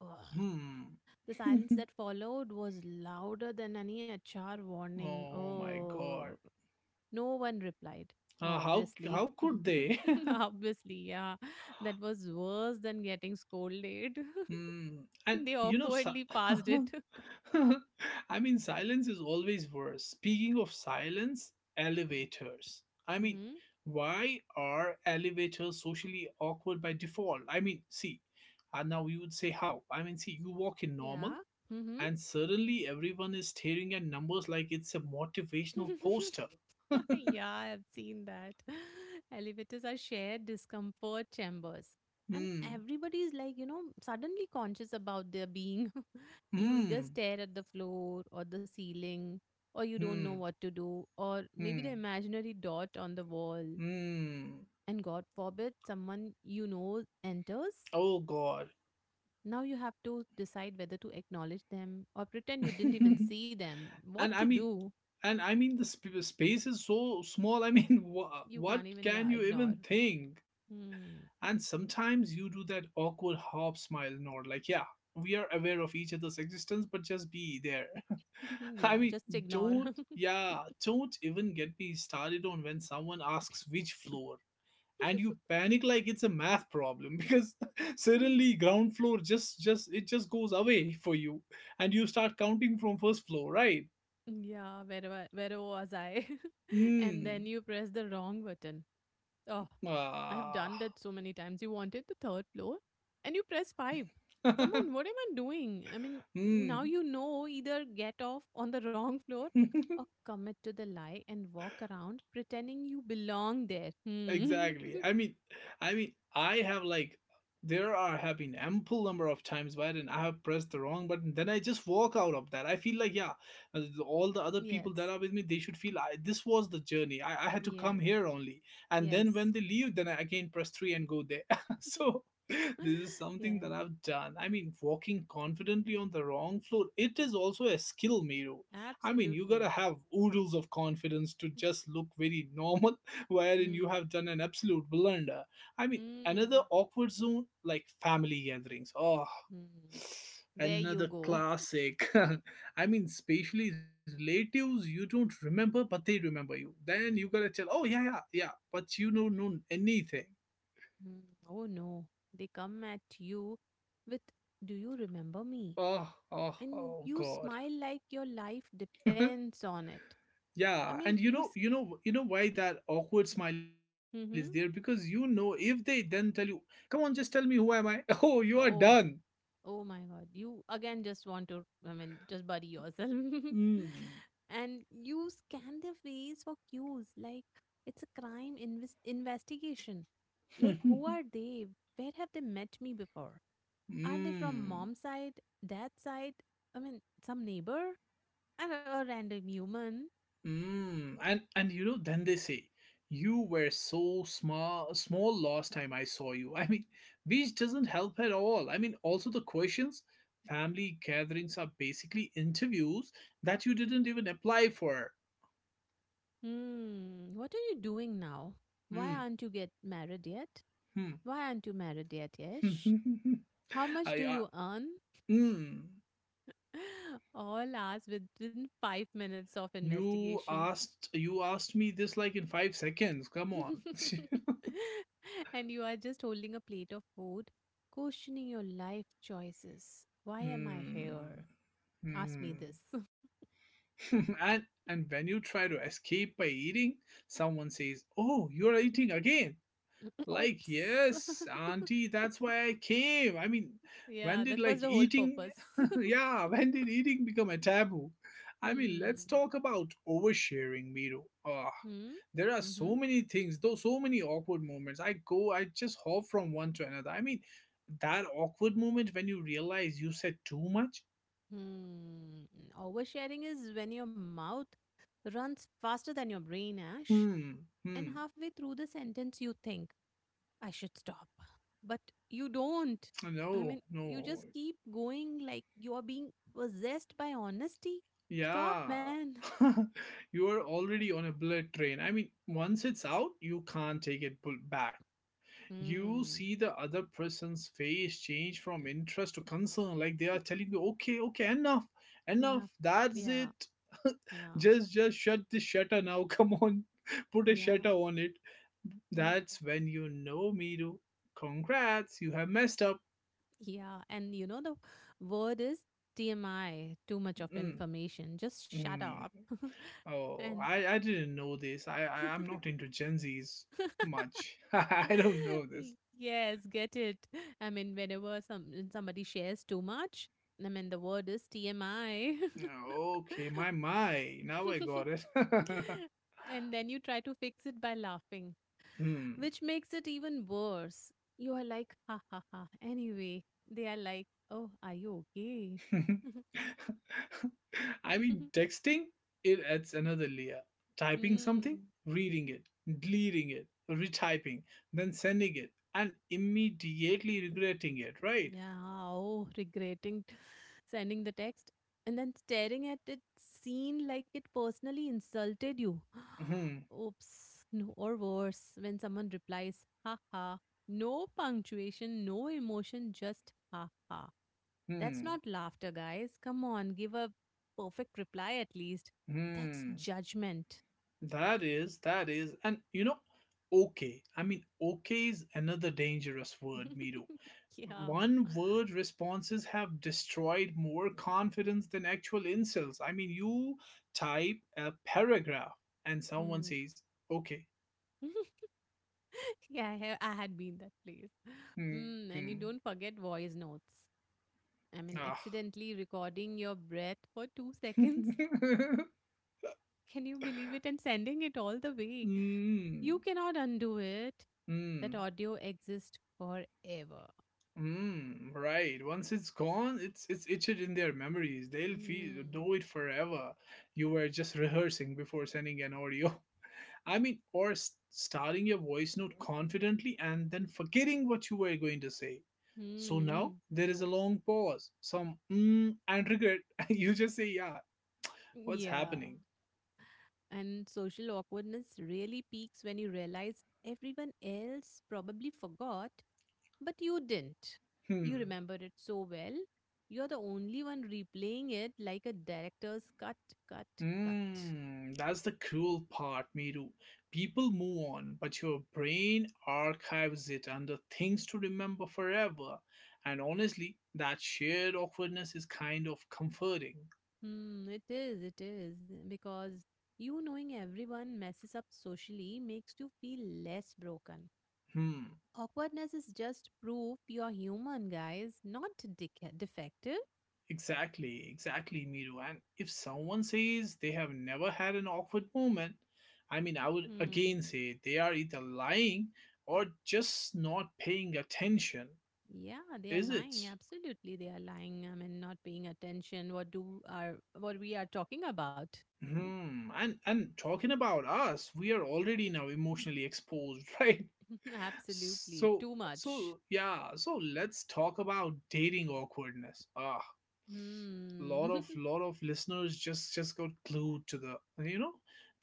[SPEAKER 2] Ugh.
[SPEAKER 1] Hmm.
[SPEAKER 2] The silence that followed was louder than any HR warning.
[SPEAKER 1] oh my
[SPEAKER 2] Oh,
[SPEAKER 1] god.
[SPEAKER 2] no one replied.
[SPEAKER 1] How
[SPEAKER 2] Obviously.
[SPEAKER 1] how could they?
[SPEAKER 2] Obviously, yeah. That was worse than getting scolded.
[SPEAKER 1] hmm. And
[SPEAKER 2] They
[SPEAKER 1] you know,
[SPEAKER 2] awkwardly passed it.
[SPEAKER 1] I mean, silence is always worse. Speaking of silence, elevators. I mean,
[SPEAKER 2] hmm.
[SPEAKER 1] why are elevators socially awkward by default? I mean, see, and now you would say how? I mean, see, you walk in normal,
[SPEAKER 2] Yeah. Hmm.
[SPEAKER 1] and suddenly everyone is staring at numbers like it's a motivational poster.
[SPEAKER 2] Yeah, I've seen that. Elevators are shared discomfort chambers. And
[SPEAKER 1] Hmm.
[SPEAKER 2] everybody's like, you know, suddenly conscious about their being. You either
[SPEAKER 1] Hmm.
[SPEAKER 2] stare at the floor or the ceiling, or you don't know
[SPEAKER 1] Hmm.
[SPEAKER 2] what to do, or maybe the
[SPEAKER 1] Hmm.
[SPEAKER 2] imaginary dot on the wall.
[SPEAKER 1] Hmm.
[SPEAKER 2] And God forbid someone you know enters.
[SPEAKER 1] Oh God.
[SPEAKER 2] Now you have to decide whether to acknowledge them or pretend you didn't even see
[SPEAKER 1] and
[SPEAKER 2] them. What to
[SPEAKER 1] I mean,
[SPEAKER 2] do?
[SPEAKER 1] I mean, the space is so small. I mean,
[SPEAKER 2] You
[SPEAKER 1] what
[SPEAKER 2] can't even,
[SPEAKER 1] can
[SPEAKER 2] yeah,
[SPEAKER 1] you
[SPEAKER 2] ignore.
[SPEAKER 1] even think?
[SPEAKER 2] Hmm.
[SPEAKER 1] And sometimes you do that awkward half smile nod, like, yeah, we are aware of each other's existence, but just be there. I
[SPEAKER 2] Yeah,
[SPEAKER 1] mean,
[SPEAKER 2] just ignore.
[SPEAKER 1] don't, yeah, don't even get me started on when someone asks which floor. And you panic like it's a math problem because suddenly ground floor just it just goes away for you, and you start counting from first floor, right.
[SPEAKER 2] Yeah, wherever was I? And then
[SPEAKER 1] Mm.
[SPEAKER 2] you press the wrong button. Oh, I have
[SPEAKER 1] Ah.
[SPEAKER 2] done that so many times. You wanted the third floor and you press five. Come on, what am I doing? I mean, now
[SPEAKER 1] mm.
[SPEAKER 2] you know either get off on the wrong floor or commit to the lie and walk around pretending you belong there. Hmm.
[SPEAKER 1] Exactly. I mean, I have like, there are have been ample number of times where I have pressed the wrong button. Then I just walk out of that. I feel like yeah, all the other people
[SPEAKER 2] Yes,
[SPEAKER 1] that are with me, they should feel I, this was the journey. I had to
[SPEAKER 2] yes,
[SPEAKER 1] come here only. And then
[SPEAKER 2] yes,
[SPEAKER 1] when they leave, then I again press three and go there. So this is something that
[SPEAKER 2] yes,
[SPEAKER 1] I've done. I mean, walking confidently on the wrong floor, it is also a skill, Miru. I mean, you
[SPEAKER 2] absolutely.
[SPEAKER 1] gotta have oodles of confidence to just look very normal wherein
[SPEAKER 2] Hmm.
[SPEAKER 1] you have done an absolute blunder. I mean, another
[SPEAKER 2] Hmm.
[SPEAKER 1] awkward zone like family gatherings. Oh,
[SPEAKER 2] Hmm. There you
[SPEAKER 1] another
[SPEAKER 2] go.
[SPEAKER 1] classic. I mean, especially relatives you don't remember, but they remember you. Then you gotta tell, oh, yeah, yeah, yeah, but you don't know anything.
[SPEAKER 2] Hmm. Oh no. They come at you with, do you remember me?
[SPEAKER 1] Oh, oh,
[SPEAKER 2] And
[SPEAKER 1] oh,
[SPEAKER 2] you
[SPEAKER 1] God.
[SPEAKER 2] smile like your life depends on it. I
[SPEAKER 1] Yeah,
[SPEAKER 2] mean,
[SPEAKER 1] and
[SPEAKER 2] you. S-
[SPEAKER 1] you know why that awkward smile is there, because you
[SPEAKER 2] Mm-hmm.
[SPEAKER 1] know if they then tell you, "Come on, just tell me who am I?" Oh, you are done.
[SPEAKER 2] Oh, oh my God. You again just want to, I mean, just buddy yourself.
[SPEAKER 1] Mm.
[SPEAKER 2] And you scan their face for cues like it's a crime investigation. Like, who are they? Where have they met me before? Are they from
[SPEAKER 1] Mm,
[SPEAKER 2] mom's side, dad's side? I mean, some neighbor? And a random human?
[SPEAKER 1] mm. And you know, then they say, you were so small small last time I saw you. I mean, which doesn't help at all. I mean, also the questions, family gatherings are basically interviews that you didn't even apply for.
[SPEAKER 2] Hmm, what are you doing now? Why
[SPEAKER 1] Mm,
[SPEAKER 2] aren't you get married yet?
[SPEAKER 1] hmm.
[SPEAKER 2] Why aren't you married yet, Yash? How much
[SPEAKER 1] I,
[SPEAKER 2] do you earn?
[SPEAKER 1] mm,
[SPEAKER 2] All asked within five minutes of
[SPEAKER 1] you
[SPEAKER 2] investigation.
[SPEAKER 1] asked you asked me this like in 5 seconds. Come on.
[SPEAKER 2] And you are just holding a plate of food, questioning your life choices. Why am I here?
[SPEAKER 1] mm,
[SPEAKER 2] Ask me this.
[SPEAKER 1] mm. And when you try to escape by eating, someone says, "Oh, you're eating again." Like,
[SPEAKER 2] Oops.
[SPEAKER 1] "Yes, auntie, that's why I came." I mean, when
[SPEAKER 2] Yeah,
[SPEAKER 1] did
[SPEAKER 2] that was
[SPEAKER 1] like
[SPEAKER 2] the whole
[SPEAKER 1] eating
[SPEAKER 2] purpose.
[SPEAKER 1] yeah, when did eating become a taboo? I mean, let's
[SPEAKER 2] hmm.
[SPEAKER 1] talk about oversharing, Miro. Ah,
[SPEAKER 2] Hmm.
[SPEAKER 1] there are
[SPEAKER 2] Mm-hmm.
[SPEAKER 1] so many things, though so many awkward moments. I go, I just hop from one to another. I mean, that awkward moment when you realize you said too much.
[SPEAKER 2] Hmm. Oversharing is when your mouth runs faster than your brain, Ash,
[SPEAKER 1] Hmm.
[SPEAKER 2] and
[SPEAKER 1] Hmm.
[SPEAKER 2] halfway through the sentence you think, I should stop. But you don't. I
[SPEAKER 1] No,
[SPEAKER 2] mean, you just
[SPEAKER 1] no.
[SPEAKER 2] keep going like you are being possessed by honesty. Stop,
[SPEAKER 1] Yeah.
[SPEAKER 2] man.
[SPEAKER 1] You're already on a bullet train. I mean, once it's out, you can't take it pull back. You
[SPEAKER 2] Hmm.
[SPEAKER 1] see the other person's face change from interest to concern, like they are telling you, okay, okay, enough, enough,
[SPEAKER 2] Enough.
[SPEAKER 1] that's
[SPEAKER 2] Yeah.
[SPEAKER 1] it.
[SPEAKER 2] Yeah.
[SPEAKER 1] Just shut this shutter now. Come on. Put a
[SPEAKER 2] Yeah.
[SPEAKER 1] shutter on it. That's when you know, Miru. Congrats, you have messed up.
[SPEAKER 2] Yeah, and you know the word is TMI, too much of information. Just shut
[SPEAKER 1] Mm-mm.
[SPEAKER 2] up.
[SPEAKER 1] Oh,
[SPEAKER 2] And
[SPEAKER 1] I didn't know this. I'm not into Gen Zs much. I don't know this.
[SPEAKER 2] yes, get it. I mean, whenever somebody shares too much, I mean the word is TMI.
[SPEAKER 1] Oh, okay, my my. Now I got it.
[SPEAKER 2] And then you try to fix it by laughing,
[SPEAKER 1] hmm.
[SPEAKER 2] which makes it even worse. You are like, ha ha ha. Anyway, they are like, oh, are you okay?
[SPEAKER 1] I mean, texting it adds another layer. Typing something,
[SPEAKER 2] mm.
[SPEAKER 1] reading it, deleting it, retyping, then sending it, and immediately regretting it. Right?
[SPEAKER 2] Yeah, oh, regretting sending the text and then staring at it seen like it personally insulted you.
[SPEAKER 1] Hmm.
[SPEAKER 2] Oops. No, or worse, when someone replies, haha, no punctuation, no emotion, just haha. That's
[SPEAKER 1] Hmm.
[SPEAKER 2] not laughter, guys. Come on, give a perfect reply at least. That's
[SPEAKER 1] Hmm.
[SPEAKER 2] judgment.
[SPEAKER 1] And you know, okay. I mean, okay is another dangerous word, Miru.
[SPEAKER 2] Yeah.
[SPEAKER 1] One word responses have destroyed more confidence than actual insults. I mean, you type a paragraph and someone
[SPEAKER 2] Hmm.
[SPEAKER 1] says, okay.
[SPEAKER 2] I had been that place.
[SPEAKER 1] Hmm.
[SPEAKER 2] Mm, and you don't forget voice notes. I mean,
[SPEAKER 1] Ah.
[SPEAKER 2] accidentally recording your breath for two seconds. Can you believe it? And sending it all the way. You
[SPEAKER 1] mm,
[SPEAKER 2] cannot undo it. That
[SPEAKER 1] mm.
[SPEAKER 2] audio exists forever.
[SPEAKER 1] Mm, right. Once it's gone, it's etched in their memories. They'll feel
[SPEAKER 2] Hmm.
[SPEAKER 1] do it forever. You were just rehearsing before sending an audio. I mean, or starting your voice note confidently and then forgetting what you were going to say. So now
[SPEAKER 2] Hmm.
[SPEAKER 1] there is a long pause, some mm and regret. You just say, "Yeah, what's
[SPEAKER 2] Yeah.
[SPEAKER 1] happening?"
[SPEAKER 2] And social awkwardness really peaks when you realize everyone else probably forgot, but you didn't. You
[SPEAKER 1] Hmm.
[SPEAKER 2] remember it so well. You're the only one replaying it like a director's cut, cut, cut.
[SPEAKER 1] Mm, that's the cool part, Miru. People move on, but your brain archives it under things to remember forever. And honestly, that shared awkwardness is kind of comforting.
[SPEAKER 2] Hmm, it is, it is. Because you knowing everyone messes up socially makes you feel less broken.
[SPEAKER 1] Hmm,
[SPEAKER 2] Awkwardness is just proof you're human, guys, not defective.
[SPEAKER 1] exactly, exactly, Miru. And if someone says they have never had an awkward moment, I mean, I would again
[SPEAKER 2] Hmm.
[SPEAKER 1] say they are either lying
[SPEAKER 2] ab-
[SPEAKER 1] or just not paying attention,
[SPEAKER 2] Yeah, they are
[SPEAKER 1] is
[SPEAKER 2] lying.
[SPEAKER 1] it?
[SPEAKER 2] Absolutely, they are lying. I mean, not paying attention. What do are what we are talking about?
[SPEAKER 1] Hmm. And talking about us, we are already now emotionally exposed, right?
[SPEAKER 2] Absolutely,
[SPEAKER 1] So
[SPEAKER 2] too much.
[SPEAKER 1] so yeah. So let's talk about dating awkwardness. Ah, lot
[SPEAKER 2] Hmm.
[SPEAKER 1] of lot of listeners just got glued to the you know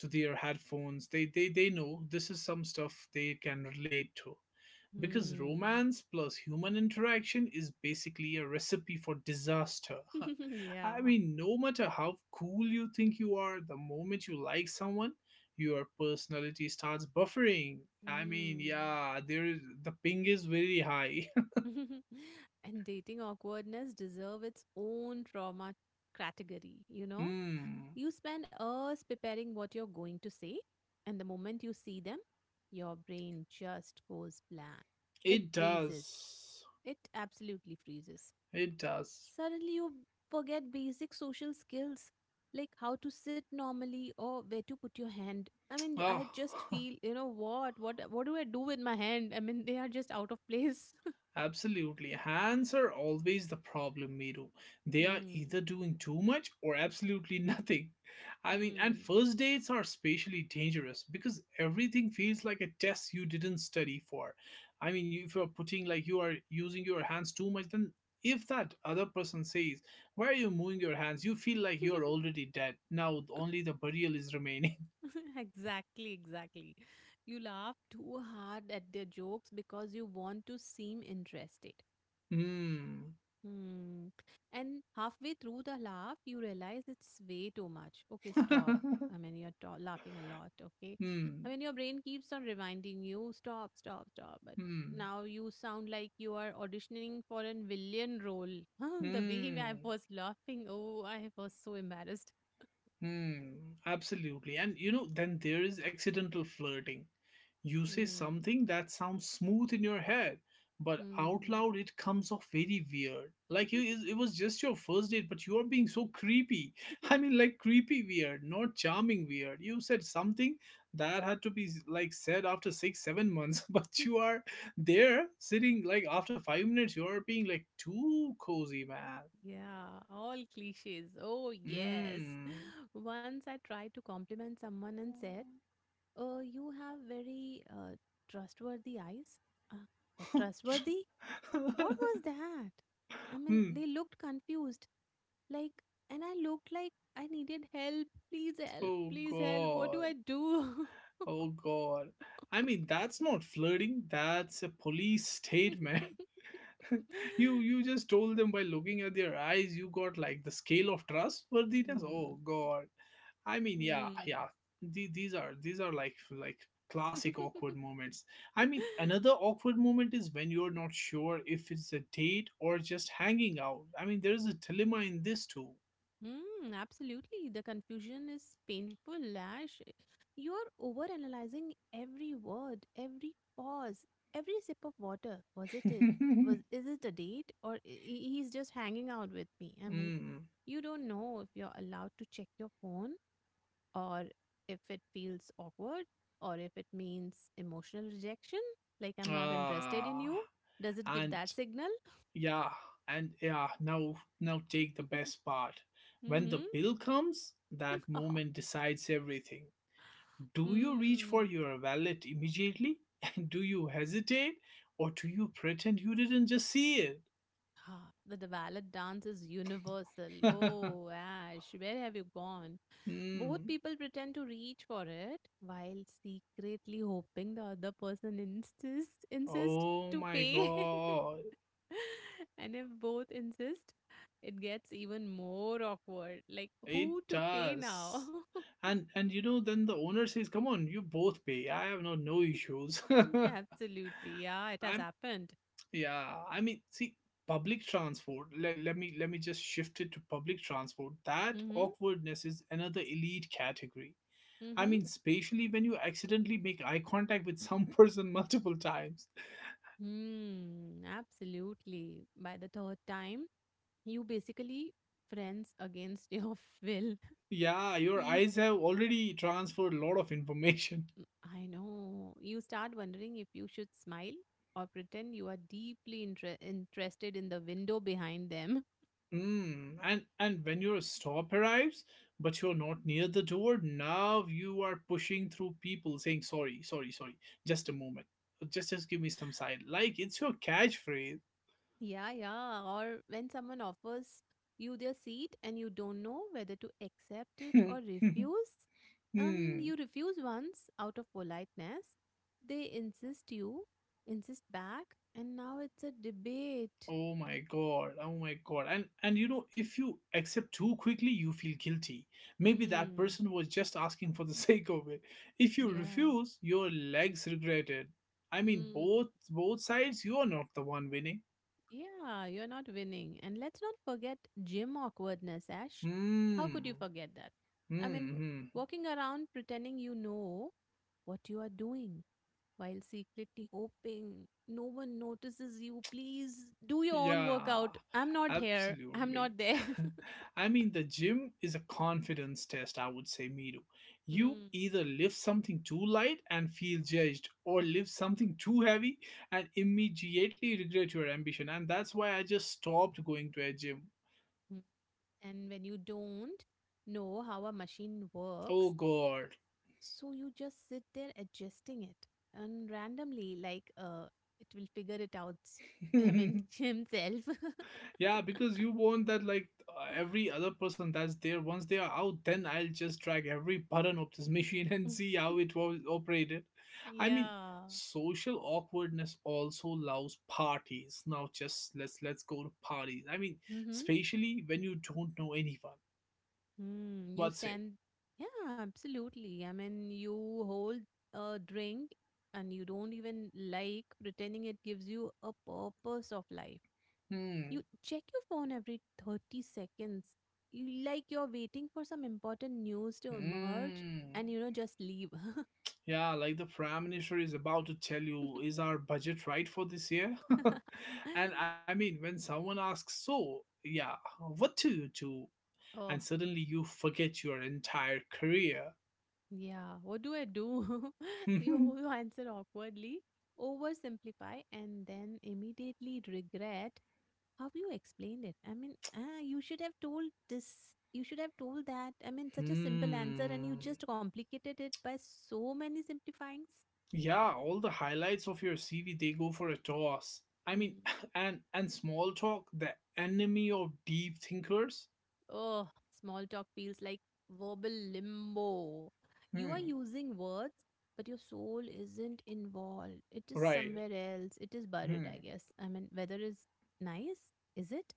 [SPEAKER 1] to their headphones. They know this is some stuff they can relate to because
[SPEAKER 2] hmm.
[SPEAKER 1] romance plus human interaction is basically a recipe for disaster. I
[SPEAKER 2] yeah.
[SPEAKER 1] mean, no matter how cool you think you are, the moment you like someone, your personality starts buffering. I mean,
[SPEAKER 2] Hmm.
[SPEAKER 1] yeah, there is the ping is very high.
[SPEAKER 2] and dating awkwardness deserve its own trauma category, you know?
[SPEAKER 1] Hmm.
[SPEAKER 2] You spend hours preparing what you're going to say, and the moment you see them, your brain just goes blank. It
[SPEAKER 1] It
[SPEAKER 2] freezes.
[SPEAKER 1] does.
[SPEAKER 2] It absolutely freezes.
[SPEAKER 1] It does.
[SPEAKER 2] Suddenly you forget basic social skills like how to sit normally or where to put your hand. I mean,
[SPEAKER 1] Ah.
[SPEAKER 2] I just feel, you know, what do I do with my hand? I mean, they are just out of place.
[SPEAKER 1] Absolutely. Hands are always the problem, Miru. They are
[SPEAKER 2] hmm.
[SPEAKER 1] either doing too much or absolutely nothing. I mean, and
[SPEAKER 2] Hmm.
[SPEAKER 1] first dates are especially dangerous because everything feels like a test you didn't study for. I mean, if you're putting like you are using your hands too much, then if that other person says, why are you moving your hands? You feel like you're already dead. Now only the burial is remaining.
[SPEAKER 2] exactly, exactly. You laugh too hard at their jokes because you want to seem interested.
[SPEAKER 1] Hmm.
[SPEAKER 2] Hmm. And halfway through the laugh, you realize it's way too much. Okay, stop. I mean, you're ta- laughing a lot. Okay. I
[SPEAKER 1] hmm.
[SPEAKER 2] mean, your brain keeps on reminding you, stop, stop, stop. But
[SPEAKER 1] Hmm.
[SPEAKER 2] now you sound like you are auditioning for a villain role. Huh, the way
[SPEAKER 1] Hmm.
[SPEAKER 2] I was laughing. Oh, I was so embarrassed.
[SPEAKER 1] Hmm, absolutely. And you know, then there is accidental flirting. You say
[SPEAKER 2] Hmm.
[SPEAKER 1] something that sounds smooth in your head, but out
[SPEAKER 2] Hmm.
[SPEAKER 1] loud it comes off very weird. Like you, it was just your first date, but you are being so creepy. I mean, like creepy weird, not charming weird. You said something that had to be like said after six, 7 months, but you are there sitting like after 5 minutes, you are being like too cozy, man.
[SPEAKER 2] Yeah, all cliches. Oh, yes. Once I tried to compliment someone and said, oh, you have very trustworthy eyes. Uh, what,
[SPEAKER 1] Hmm.
[SPEAKER 2] trustworthy? What was that? I mean,
[SPEAKER 1] Hmm.
[SPEAKER 2] they looked confused. Like, and I looked like I needed help. Please help.
[SPEAKER 1] Oh
[SPEAKER 2] Please help. What do I
[SPEAKER 1] god.
[SPEAKER 2] do?
[SPEAKER 1] Oh god. I mean, that's not flirting. That's a police statement. You just told them by looking at their eyes you got like the scale of trustworthiness. Oh
[SPEAKER 2] Hmm.
[SPEAKER 1] god. I mean, yeah, yeah. These are like classic
[SPEAKER 2] Hmm.
[SPEAKER 1] awkward moments. I mean, another awkward moment is when you're not sure if it's a date or just hanging out. I mean, there is a dilemma in this too.
[SPEAKER 2] Hmm, absolutely. The confusion is painful, Lash. You're overanalyzing every word, every pause, every sip of water. Was it it? Was is it a date or I- he's just hanging out with me? I mean,
[SPEAKER 1] Hmm.
[SPEAKER 2] you don't know if you're allowed to check your phone or if it feels awkward or if it means emotional rejection, like I'm not interested in you.
[SPEAKER 1] Ah.
[SPEAKER 2] Does it give
[SPEAKER 1] And
[SPEAKER 2] that signal?
[SPEAKER 1] yeah, and yeah, now now take the best part. When the
[SPEAKER 2] mm-hmm.
[SPEAKER 1] bill comes, that moment decides everything. Do you reach
[SPEAKER 2] Hmm.
[SPEAKER 1] for your wallet immediately? And do you hesitate? Or do you pretend you didn't just see it?
[SPEAKER 2] Ah, the ballad dance is universal. Oh, Ash, where have you gone? Both
[SPEAKER 1] Hmm.
[SPEAKER 2] people pretend to reach for it while secretly hoping the other person insist insist
[SPEAKER 1] Oh
[SPEAKER 2] to
[SPEAKER 1] my
[SPEAKER 2] pay.
[SPEAKER 1] god.
[SPEAKER 2] and if both insist, it gets even more awkward. Like
[SPEAKER 1] It
[SPEAKER 2] who to pay now?
[SPEAKER 1] does. And you know then the owner says, come on, you both pay. I have no no issues.
[SPEAKER 2] Absolutely. Yeah, it has
[SPEAKER 1] I
[SPEAKER 2] happened.
[SPEAKER 1] yeah, I mean, see, public transport. Let me just shift it to public transport. That
[SPEAKER 2] Mm-hmm.
[SPEAKER 1] awkwardness is another elite category. I
[SPEAKER 2] Mm-hmm.
[SPEAKER 1] mean, especially when you accidentally make eye contact with some person multiple times.
[SPEAKER 2] Hmm. Absolutely. By the third time, You basically friends against your will.
[SPEAKER 1] Yeah, your
[SPEAKER 2] You,
[SPEAKER 1] eyes
[SPEAKER 2] s-
[SPEAKER 1] have already transferred a lot of information.
[SPEAKER 2] I know, you start wondering if you should smile or pretend you are deeply interested in the window behind them.
[SPEAKER 1] Mm, and when your stop arrives, but you're not near the door, now you are pushing through people saying sorry, sorry, sorry. Just a moment. Just give me some side. Like it's your catchphrase.
[SPEAKER 2] Yeah, yeah. Or when someone offers you their seat and you don't know whether to accept it or refuse,
[SPEAKER 1] Hmm.
[SPEAKER 2] you refuse once out of politeness. They insist you, insist back, and now it's a debate.
[SPEAKER 1] Oh my god, oh my god. And you know if you accept too quickly you feel guilty, maybe that
[SPEAKER 2] Hmm.
[SPEAKER 1] person was just asking for the sake of it. If you
[SPEAKER 2] Yeah.
[SPEAKER 1] refuse your legs regret it. I mean,
[SPEAKER 2] Mm.
[SPEAKER 1] both both sides you are not the one winning.
[SPEAKER 2] Yeah, you're not winning. And let's not forget gym awkwardness, Ash. How could you
[SPEAKER 1] Hmm.
[SPEAKER 2] forget that? I mean,
[SPEAKER 1] Hmm. Hmm.
[SPEAKER 2] walking around pretending you know what you are doing while secretly hoping no one notices you. Please do your own
[SPEAKER 1] Yeah,
[SPEAKER 2] workout. I'm not here. I'm
[SPEAKER 1] absolutely.
[SPEAKER 2] not there.
[SPEAKER 1] I mean, the gym is a confidence test, I would say, Miru. You
[SPEAKER 2] Mm.
[SPEAKER 1] either lift something too light and feel judged, or lift something too heavy and immediately regret your ambition. And that's why I just stopped going to a gym.
[SPEAKER 2] And when you don't know how a machine works,
[SPEAKER 1] Oh, God.
[SPEAKER 2] so you just sit there adjusting it, and randomly, like it will figure it out. I mean, himself.
[SPEAKER 1] Yeah, because you want that like every other person that's there once they are out, then I'll just drag every button of this machine and see how it was operated. I mean,
[SPEAKER 2] Yeah.
[SPEAKER 1] social awkwardness also loves parties. Now just let's go to parties.
[SPEAKER 2] Mm-hmm.
[SPEAKER 1] Especially when you don't know anyone.
[SPEAKER 2] Mm, you
[SPEAKER 1] What say?
[SPEAKER 2] stand. Yeah, absolutely. I mean, you hold a drink, and you don't even like pretending it gives you a purpose of life.
[SPEAKER 1] Hmm.
[SPEAKER 2] You check your phone every 30 seconds. You like you're waiting for some important news to emerge,
[SPEAKER 1] Hmm.
[SPEAKER 2] and you know just leave.
[SPEAKER 1] Yeah, like the prime minister is about to tell you, is our budget right for this year? When someone asks, so, yeah, what do you do? And
[SPEAKER 2] Oh,
[SPEAKER 1] suddenly you forget your entire career.
[SPEAKER 2] yeah. What do I do? you
[SPEAKER 1] hmm.
[SPEAKER 2] you answer awkwardly, oversimplify, and then immediately regret how you explained it. I mean, ah, you should have told this. You should have told that. I mean, such a simple answer, and you just complicated it by so many simplifyings.
[SPEAKER 1] Yeah, all the highlights of your CV, they go for a toss. And small talk, the enemy of deep thinkers.
[SPEAKER 2] Oh, small talk feels like verbal limbo. You are
[SPEAKER 1] Hmm.
[SPEAKER 2] using words, but your soul isn't involved. It is
[SPEAKER 1] Right.
[SPEAKER 2] somewhere else. It is buried, I
[SPEAKER 1] Hmm.
[SPEAKER 2] guess. I mean, weather is nice. Is it?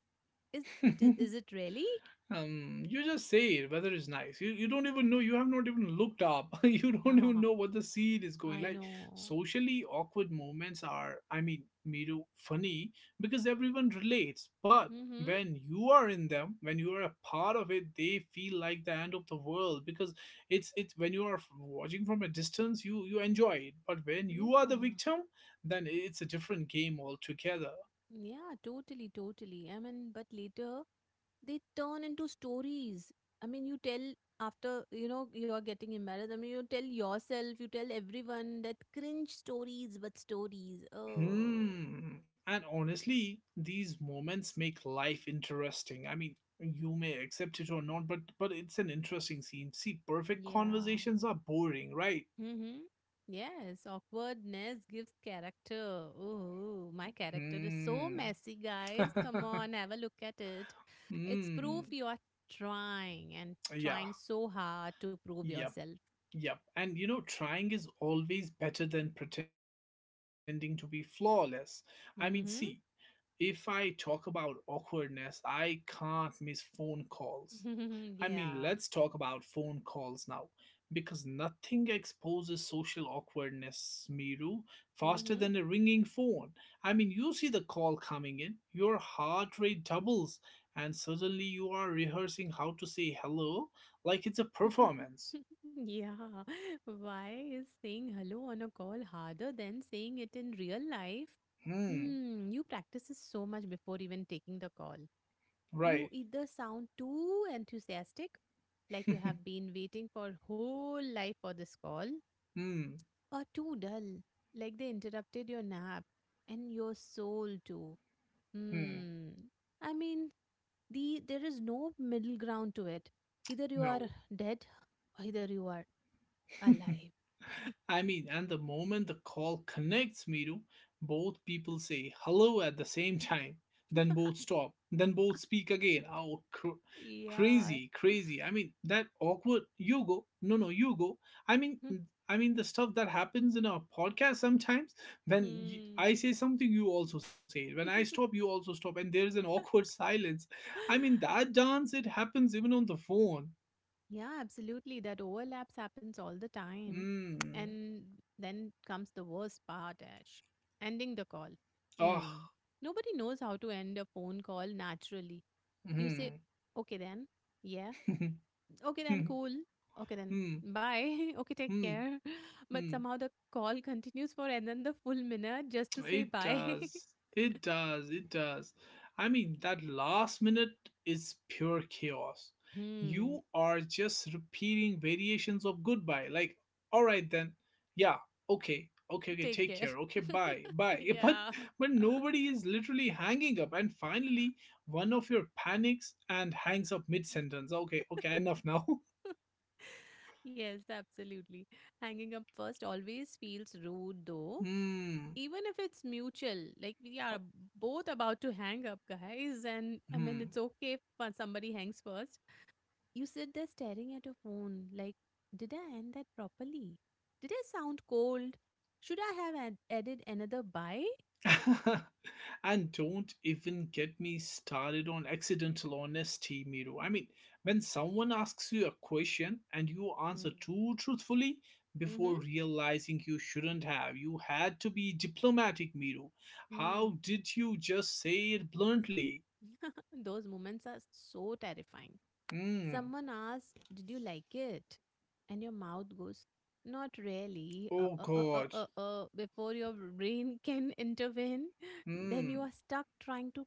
[SPEAKER 2] Is it? Is it really?
[SPEAKER 1] You just say it, weather is nice. You don't even know, you have not even looked up. You
[SPEAKER 2] Yeah,
[SPEAKER 1] don't even know what the seed is going
[SPEAKER 2] I
[SPEAKER 1] like.
[SPEAKER 2] know.
[SPEAKER 1] Socially awkward moments are, Miru, funny because everyone relates. But
[SPEAKER 2] Mm-hmm.
[SPEAKER 1] when you are in them, when you are a part of it, they feel like the end of the world because it's when you are watching from a distance, you enjoy it. But when you are the
[SPEAKER 2] Yeah.
[SPEAKER 1] victim, then it's a different game altogether.
[SPEAKER 2] Yeah, totally, totally. I mean, but later they turn into stories. I mean, you tell after you know you're getting embarrassed. I mean, you tell yourself, you tell everyone that cringe stories, but stories. Oh,
[SPEAKER 1] Hmm. And honestly, these moments make life interesting. You may accept it or not, but it's an interesting scene. See, perfect
[SPEAKER 2] yeah.
[SPEAKER 1] conversations are boring, right?
[SPEAKER 2] Mm-hmm. Yes, awkwardness gives character. Oh, my character is so
[SPEAKER 1] Hmm.
[SPEAKER 2] messy, guys. Come on, have a look at it. It's proof
[SPEAKER 1] hmm.
[SPEAKER 2] you are trying and
[SPEAKER 1] Yeah.
[SPEAKER 2] trying so hard to prove
[SPEAKER 1] Yep.
[SPEAKER 2] yourself.
[SPEAKER 1] Yep. And you know, trying is always better than pretending to be flawless. See, if I talk about awkwardness, I can't miss phone calls.
[SPEAKER 2] Mm-hmm.
[SPEAKER 1] Let's
[SPEAKER 2] Yeah.
[SPEAKER 1] talk about phone calls now because nothing exposes social awkwardness, Miru, faster
[SPEAKER 2] Mm-hmm.
[SPEAKER 1] than a ringing phone. You see the call coming in, your heart rate doubles, and suddenly you are rehearsing how to say hello like it's a performance.
[SPEAKER 2] Yeah. Why is saying hello on a call harder than saying it in real life?
[SPEAKER 1] Hmm,
[SPEAKER 2] Hmm, you practice this so much before even taking the call. You
[SPEAKER 1] right.
[SPEAKER 2] either sound too enthusiastic, like you have been waiting for whole life for this call,
[SPEAKER 1] hmm,
[SPEAKER 2] or too dull, like they interrupted your nap and your soul too.
[SPEAKER 1] hmm,
[SPEAKER 2] Hmm. I mean, the there is no middle ground to it. Either you are
[SPEAKER 1] no.
[SPEAKER 2] dead, or either you are alive.
[SPEAKER 1] And the moment the call connects, Miru, both people say hello at the same time. Then both stop. Then both speak again. Oh,
[SPEAKER 2] Yeah.
[SPEAKER 1] crazy, crazy. That awkward. You go. No, no, you go. I mean, I mean the stuff that happens in our podcast sometimes. When
[SPEAKER 2] Hmm.
[SPEAKER 1] I say something, you also say it. When I stop, you also stop, and there is an awkward silence. That dance it happens even on the phone.
[SPEAKER 2] Yeah, absolutely. That overlaps happens all the time.
[SPEAKER 1] Mm.
[SPEAKER 2] And then comes the worst part, Ash. Ending the call. Mm. Nobody knows how to end a phone call naturally. You say,
[SPEAKER 1] Oh.
[SPEAKER 2] okay then, yeah, okay then,
[SPEAKER 1] It
[SPEAKER 2] cool, okay then, bye, okay, take care. But somehow the call continues for another full minute just to say bye.
[SPEAKER 1] does. It does. It does. That last minute is pure chaos.
[SPEAKER 2] hmm.
[SPEAKER 1] You are just repeating variations of goodbye. Like, all right then. Yeah. Okay. Okay. Okay.
[SPEAKER 2] Take
[SPEAKER 1] Take
[SPEAKER 2] care.
[SPEAKER 1] care. Okay. Bye. Bye. But
[SPEAKER 2] yeah.
[SPEAKER 1] but nobody is literally hanging up. And finally, one of your panics and hangs up mid sentence. Okay. Okay. Enough now.
[SPEAKER 2] Yes, absolutely. Hanging up first always feels rude though.
[SPEAKER 1] hmm.
[SPEAKER 2] Even if it's mutual, like we are both about to hang up, guys, and I mean,
[SPEAKER 1] Hmm.
[SPEAKER 2] it's okay if somebody hangs first. You sit there staring at your phone, like, did I end that properly? Did I sound cold? Should I have added another bye?
[SPEAKER 1] And don't even get me started on accidental honesty, Miro. When someone asks you a question and you
[SPEAKER 2] Mm.
[SPEAKER 1] answer too truthfully
[SPEAKER 2] Mm-hmm.
[SPEAKER 1] before realizing you shouldn't have, you had to be diplomatic, Miro.
[SPEAKER 2] Mm.
[SPEAKER 1] How did you just say it bluntly?
[SPEAKER 2] Those moments are so terrifying.
[SPEAKER 1] Hmm.
[SPEAKER 2] Someone asks, did you like it? And your mouth goes, not really.
[SPEAKER 1] Oh God.
[SPEAKER 2] Before your brain can intervene, then you
[SPEAKER 1] Hmm.
[SPEAKER 2] are stuck trying to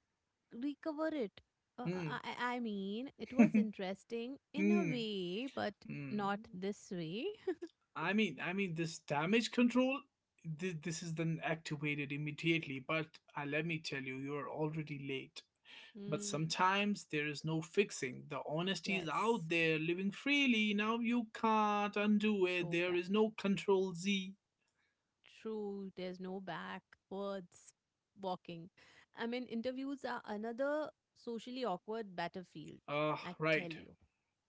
[SPEAKER 2] recover it. Uh, uh,
[SPEAKER 1] Hmm.
[SPEAKER 2] I, I I mean, it was interesting in a
[SPEAKER 1] Hmm.
[SPEAKER 2] way, but
[SPEAKER 1] Hmm.
[SPEAKER 2] not this way.
[SPEAKER 1] This damage control, this is then activated immediately. But let me tell you, you're already late. But
[SPEAKER 2] Mm,
[SPEAKER 1] sometimes there is no fixing. The honesty is
[SPEAKER 2] yes,
[SPEAKER 1] out there, living freely. Now you can't undo it.
[SPEAKER 2] go
[SPEAKER 1] There
[SPEAKER 2] back.
[SPEAKER 1] is no control Z.
[SPEAKER 2] True, there's no back, words, walking. I mean, interviews are another socially awkward battlefield,
[SPEAKER 1] Ah,
[SPEAKER 2] I tell
[SPEAKER 1] right.
[SPEAKER 2] you.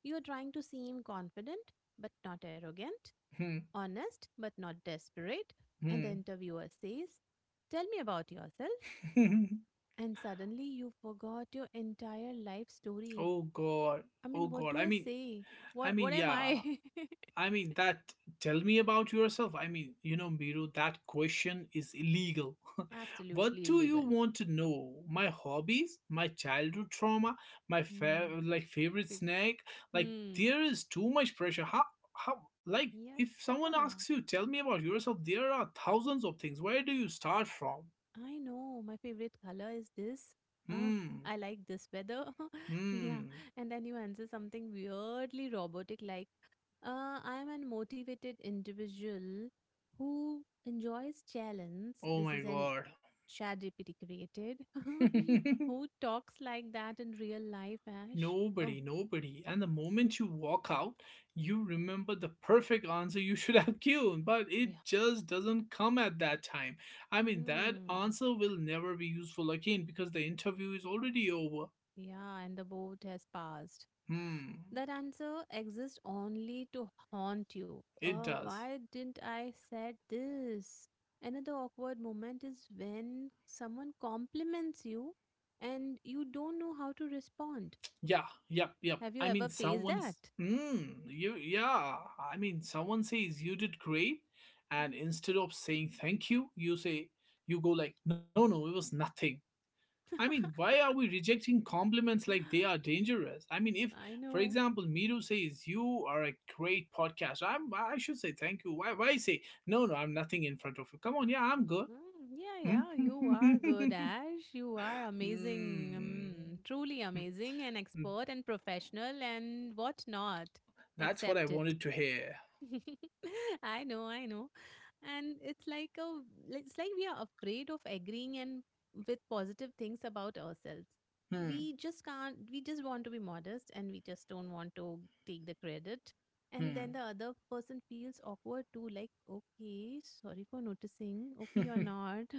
[SPEAKER 2] You are trying to seem confident, but not arrogant,
[SPEAKER 1] Hmm.
[SPEAKER 2] honest, but not desperate. And the
[SPEAKER 1] Hmm.
[SPEAKER 2] interviewer says, tell me about yourself. And suddenly you forgot your entire life story.
[SPEAKER 1] Oh God.
[SPEAKER 2] I
[SPEAKER 1] Oh
[SPEAKER 2] mean, what
[SPEAKER 1] God.
[SPEAKER 2] do I say?
[SPEAKER 1] I
[SPEAKER 2] What
[SPEAKER 1] mean,
[SPEAKER 2] am
[SPEAKER 1] yeah.
[SPEAKER 2] I?
[SPEAKER 1] I mean that tell me about yourself. You know, Biro, that question is illegal. What
[SPEAKER 2] Absolutely
[SPEAKER 1] do you
[SPEAKER 2] illegal.
[SPEAKER 1] want to know? My hobbies, my childhood trauma, my
[SPEAKER 2] Hmm.
[SPEAKER 1] like favorite
[SPEAKER 2] Pe-
[SPEAKER 1] snack? Like
[SPEAKER 2] hmm.
[SPEAKER 1] there is too much pressure. How like
[SPEAKER 2] Yeah.
[SPEAKER 1] if someone
[SPEAKER 2] Yeah.
[SPEAKER 1] asks you, tell me about yourself, there are thousands of things. Where do you start from?
[SPEAKER 2] I know my favorite color is this. Uh,
[SPEAKER 1] Hmm.
[SPEAKER 2] I like this weather. yeah.
[SPEAKER 1] Hmm.
[SPEAKER 2] And then you answer something weirdly robotic like, I am an motivated individual who enjoys challenge.
[SPEAKER 1] Oh
[SPEAKER 2] This
[SPEAKER 1] my
[SPEAKER 2] is an
[SPEAKER 1] god.
[SPEAKER 2] chat GPT created. Who talks like that in real life, Ash? Oh,
[SPEAKER 1] Nobody, nobody. And the moment you walk out, you remember the perfect answer you should have given, but it
[SPEAKER 2] yeah.
[SPEAKER 1] just doesn't come at that time. That
[SPEAKER 2] Hmm.
[SPEAKER 1] answer will never be useful again because the interview is already over.
[SPEAKER 2] Yeah. And the boat has passed.
[SPEAKER 1] Hmm,
[SPEAKER 2] That answer exists only to haunt you.
[SPEAKER 1] it does.
[SPEAKER 2] Why didn't I said this? Another awkward moment is when someone compliments you and you don't know how to respond.
[SPEAKER 1] Yeah, yep, yep.
[SPEAKER 2] Have you ever faced
[SPEAKER 1] Someone's.
[SPEAKER 2] that?
[SPEAKER 1] Hmm, you, yeah. Someone says you did great, and instead of saying thank you, you say, you go like, no, no, it was nothing. Why are we rejecting compliments like they are dangerous? If,
[SPEAKER 2] I
[SPEAKER 1] for
[SPEAKER 2] know.
[SPEAKER 1] example, Miru says you are a great podcast, I should say thank you. Why say no, no, I'm nothing in front of you. Come on, yeah, I'm good.
[SPEAKER 2] Mm, yeah,
[SPEAKER 1] Hmm.
[SPEAKER 2] yeah, you are good, Ash. You are amazing, truly amazing, and
[SPEAKER 1] Hmm.
[SPEAKER 2] expert and professional and whatnot.
[SPEAKER 1] That's what I
[SPEAKER 2] Accept it.
[SPEAKER 1] wanted to hear.
[SPEAKER 2] I know, I know. And it's like a it's like we are afraid of agreeing and with positive things about ourselves.
[SPEAKER 1] Hmm.
[SPEAKER 2] We just can't we just want to be modest and we just don't want to take the credit. And
[SPEAKER 1] Hmm.
[SPEAKER 2] then the other person feels awkward too, like, okay, sorry for noticing. Okay, you're not.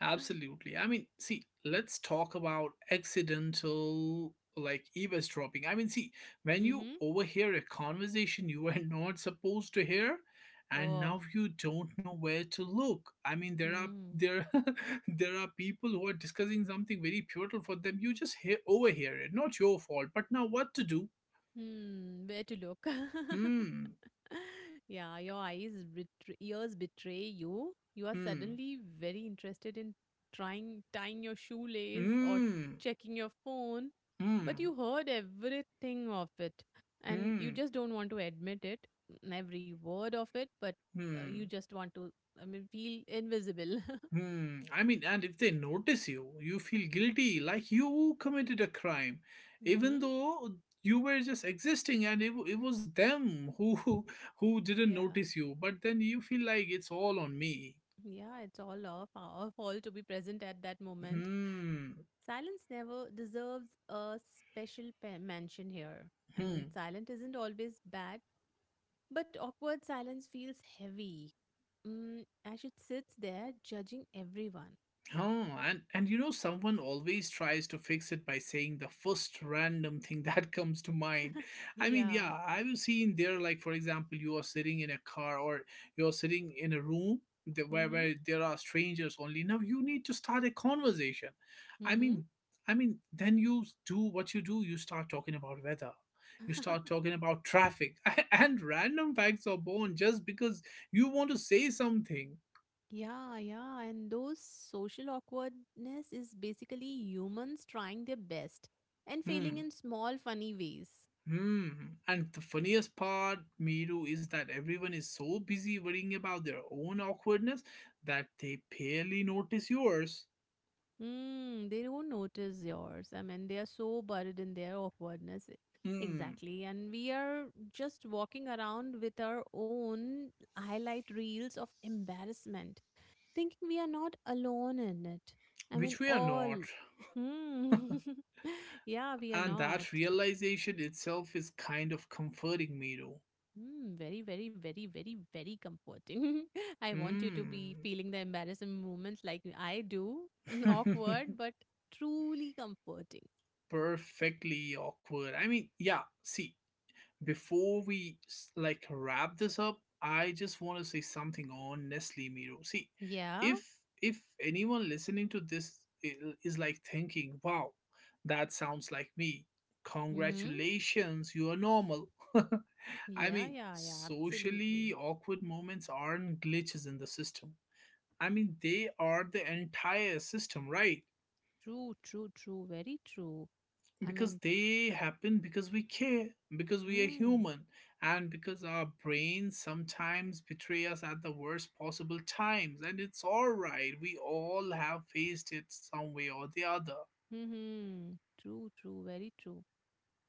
[SPEAKER 1] Absolutely. See, let's talk about accidental like eavesdropping. See, when you
[SPEAKER 2] mm-hmm.
[SPEAKER 1] overhear a conversation you were not supposed to hear and
[SPEAKER 2] Oh.
[SPEAKER 1] now you don't know where to look. I mean, there are
[SPEAKER 2] Hmm.
[SPEAKER 1] there there are people who are discussing something very pivotal for them. You just hear overhear it. Not your fault. But now what to do?
[SPEAKER 2] Hmm. Where to look?
[SPEAKER 1] Hmm.
[SPEAKER 2] yeah, Your eyes betray, ears betray you. You are
[SPEAKER 1] Hmm.
[SPEAKER 2] suddenly very interested in trying tying your shoelace or
[SPEAKER 1] Hmm.
[SPEAKER 2] checking your phone, but
[SPEAKER 1] Hmm.
[SPEAKER 2] you heard everything of it and you
[SPEAKER 1] Hmm.
[SPEAKER 2] just don't want to admit it, every word of it, but you
[SPEAKER 1] Hmm.
[SPEAKER 2] just want to I mean feel invisible.
[SPEAKER 1] Hmm. And if they notice you, you feel guilty, like you committed a crime, even
[SPEAKER 2] mhm.
[SPEAKER 1] though you were just existing, and it was them who who didn't
[SPEAKER 2] Yeah.
[SPEAKER 1] notice you. But then you feel like it's all on me.
[SPEAKER 2] Yeah, it's all of our fault to be present at that moment.
[SPEAKER 1] Hmm.
[SPEAKER 2] Silence never deserves a special mention here. I mean,
[SPEAKER 1] Hmm.
[SPEAKER 2] silent isn't always bad, but awkward silence feels heavy. As it sits there judging everyone.
[SPEAKER 1] Oh, and you know, someone always tries to fix it by saying the first random thing that comes to mind.
[SPEAKER 2] Yeah.
[SPEAKER 1] Yeah, I've seen there, like for example, you are sitting in a car or you're sitting in a room where
[SPEAKER 2] Mm-hmm.
[SPEAKER 1] there are strangers only. Now you need to start a conversation. I
[SPEAKER 2] Mm-hmm.
[SPEAKER 1] mean, then you do what you do. You start talking about weather. You start talking about traffic, and random facts are born just because you want to say something.
[SPEAKER 2] yeah, Yeah. And those social awkwardness is basically humans trying their best and failing
[SPEAKER 1] Hmm.
[SPEAKER 2] in small, funny ways.
[SPEAKER 1] Hmm. And the funniest part, Miru, is that everyone is so busy worrying about their own awkwardness that they barely notice yours.
[SPEAKER 2] They don't notice yours. I mean, they are so buried in their awkwardness.
[SPEAKER 1] Hmm.
[SPEAKER 2] Exactly. And we are just walking around with our own highlight reels of embarrassment, thinking we are not alone in it. I mean,
[SPEAKER 1] Which we are not.
[SPEAKER 2] all. Hmm.
[SPEAKER 1] And
[SPEAKER 2] yeah, We
[SPEAKER 1] that
[SPEAKER 2] are not.
[SPEAKER 1] realization itself is kind of comforting, Miru.
[SPEAKER 2] Hmm. Very, very, very, very, very comforting. I want you to be
[SPEAKER 1] Hmm.
[SPEAKER 2] feeling the embarrassment moments like I do. Awkward, but truly comforting.
[SPEAKER 1] Perfectly awkward. Yeah, see, before we like wrap this up, I just want to say something on Nestle Miro. See,
[SPEAKER 2] Yeah.
[SPEAKER 1] if anyone listening to this is like thinking wow, that sounds like me,
[SPEAKER 2] Mm-hmm.
[SPEAKER 1] congratulations, you are normal.
[SPEAKER 2] Yeah, yeah, yeah, absolutely.
[SPEAKER 1] Socially awkward moments aren't glitches in the system. They are the entire system, right?
[SPEAKER 2] True, true, true, very true. I
[SPEAKER 1] Because
[SPEAKER 2] mean,
[SPEAKER 1] they happen because we care, because we are
[SPEAKER 2] hmm,
[SPEAKER 1] human, and because our brains sometimes betray us at the worst possible times, and it's all right, we all have faced it some way or the other.
[SPEAKER 2] hmm, True, true, very true.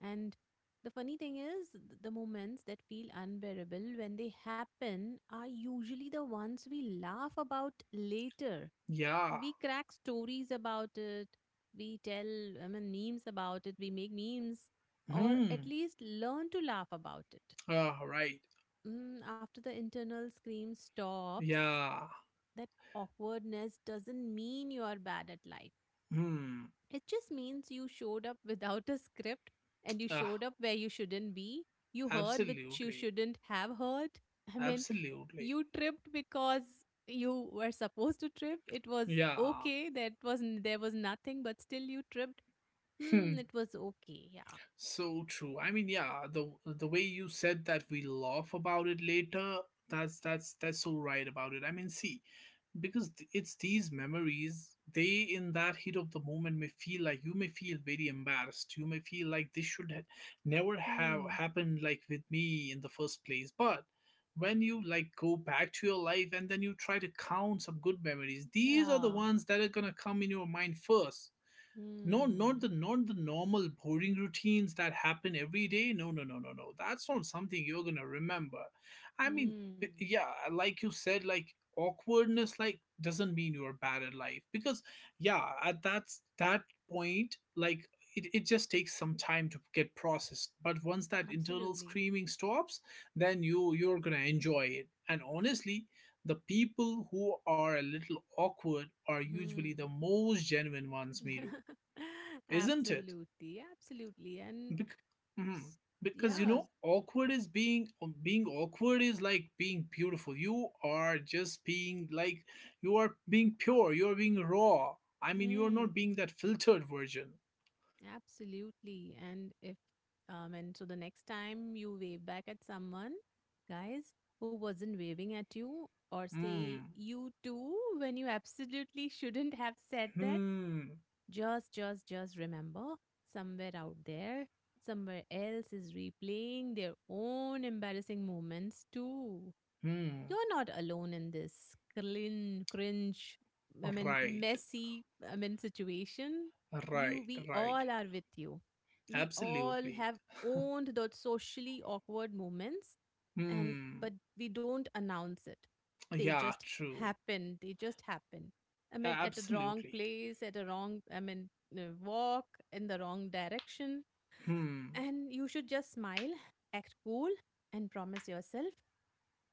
[SPEAKER 2] And the funny thing is, the moments that feel unbearable when they happen are usually the ones we laugh about later.
[SPEAKER 1] Yeah.
[SPEAKER 2] We crack stories about it, we tell, I mean, memes about it, we make memes, or at
[SPEAKER 1] Hmm.
[SPEAKER 2] least learn to laugh about it.
[SPEAKER 1] Ah, right.
[SPEAKER 2] After the internal scream stops,
[SPEAKER 1] Yeah.
[SPEAKER 2] that awkwardness doesn't mean you are bad at life.
[SPEAKER 1] Hmm.
[SPEAKER 2] It just means you showed up without a script and you
[SPEAKER 1] Ah,
[SPEAKER 2] showed up where you shouldn't be. You heard which you
[SPEAKER 1] absolutely,
[SPEAKER 2] shouldn't have heard. I mean,
[SPEAKER 1] absolutely.
[SPEAKER 2] you tripped because you were supposed to trip. It was
[SPEAKER 1] Yeah.
[SPEAKER 2] okay. That wasn't there was nothing, but still you tripped.
[SPEAKER 1] Hmm.
[SPEAKER 2] It was okay. Yeah.
[SPEAKER 1] So true. Yeah, the way you said that we laugh about it later, that's so right about it. See, because it's these memories, they in that heat of the moment may feel like, you may feel very embarrassed, you may feel like this never have
[SPEAKER 2] Hmm.
[SPEAKER 1] happened like with me in the first place, but when you like go back to your life and then you try to count some good memories, these are the
[SPEAKER 2] Yeah.
[SPEAKER 1] ones that are going to come in your mind first. No,
[SPEAKER 2] Hmm.
[SPEAKER 1] not the normal boring routines that happen every day. No, no, no, no, no. That's not something you're gonna remember. I mean,
[SPEAKER 2] Hmm.
[SPEAKER 1] yeah, like you said, like awkwardness, like doesn't mean you're bad at life because yeah, at that point, like it just takes some time to get processed. But once that internal
[SPEAKER 2] Absolutely.
[SPEAKER 1] screaming stops, then you're gonna enjoy it. And honestly, the people who are a little awkward are
[SPEAKER 2] Hmm.
[SPEAKER 1] usually the most genuine ones, Miru, isn't it?
[SPEAKER 2] Absolutely, absolutely. And
[SPEAKER 1] Bec- mhm.
[SPEAKER 2] s-
[SPEAKER 1] Because you
[SPEAKER 2] yes,
[SPEAKER 1] know, awkward is being being awkward is like being beautiful. You are just being like you are being pure. You are being raw. You are
[SPEAKER 2] hmm,
[SPEAKER 1] not being that filtered version.
[SPEAKER 2] absolutely. And if, and so the next time you wave back at someone, guys, who wasn't waving at you, or say
[SPEAKER 1] Hmm.
[SPEAKER 2] you too, when you absolutely shouldn't have said that,
[SPEAKER 1] Hmm.
[SPEAKER 2] just remember somewhere out there, somewhere else is replaying their own embarrassing moments too.
[SPEAKER 1] Hmm.
[SPEAKER 2] You're not alone in this cringe, I mean,
[SPEAKER 1] Right.
[SPEAKER 2] messy, I mean, situation.
[SPEAKER 1] Right.
[SPEAKER 2] We
[SPEAKER 1] Right.
[SPEAKER 2] all are with you. We all
[SPEAKER 1] Absolutely.
[SPEAKER 2] have owned those socially awkward moments, and
[SPEAKER 1] Hmm.
[SPEAKER 2] but we don't announce it. They
[SPEAKER 1] Yeah.
[SPEAKER 2] just
[SPEAKER 1] True.
[SPEAKER 2] happen. They just happen. I mean, at the wrong
[SPEAKER 1] Absolutely.
[SPEAKER 2] place, at the wrong, I mean, walk in the wrong direction.
[SPEAKER 1] Hmm.
[SPEAKER 2] And you should just smile, act cool, and promise yourself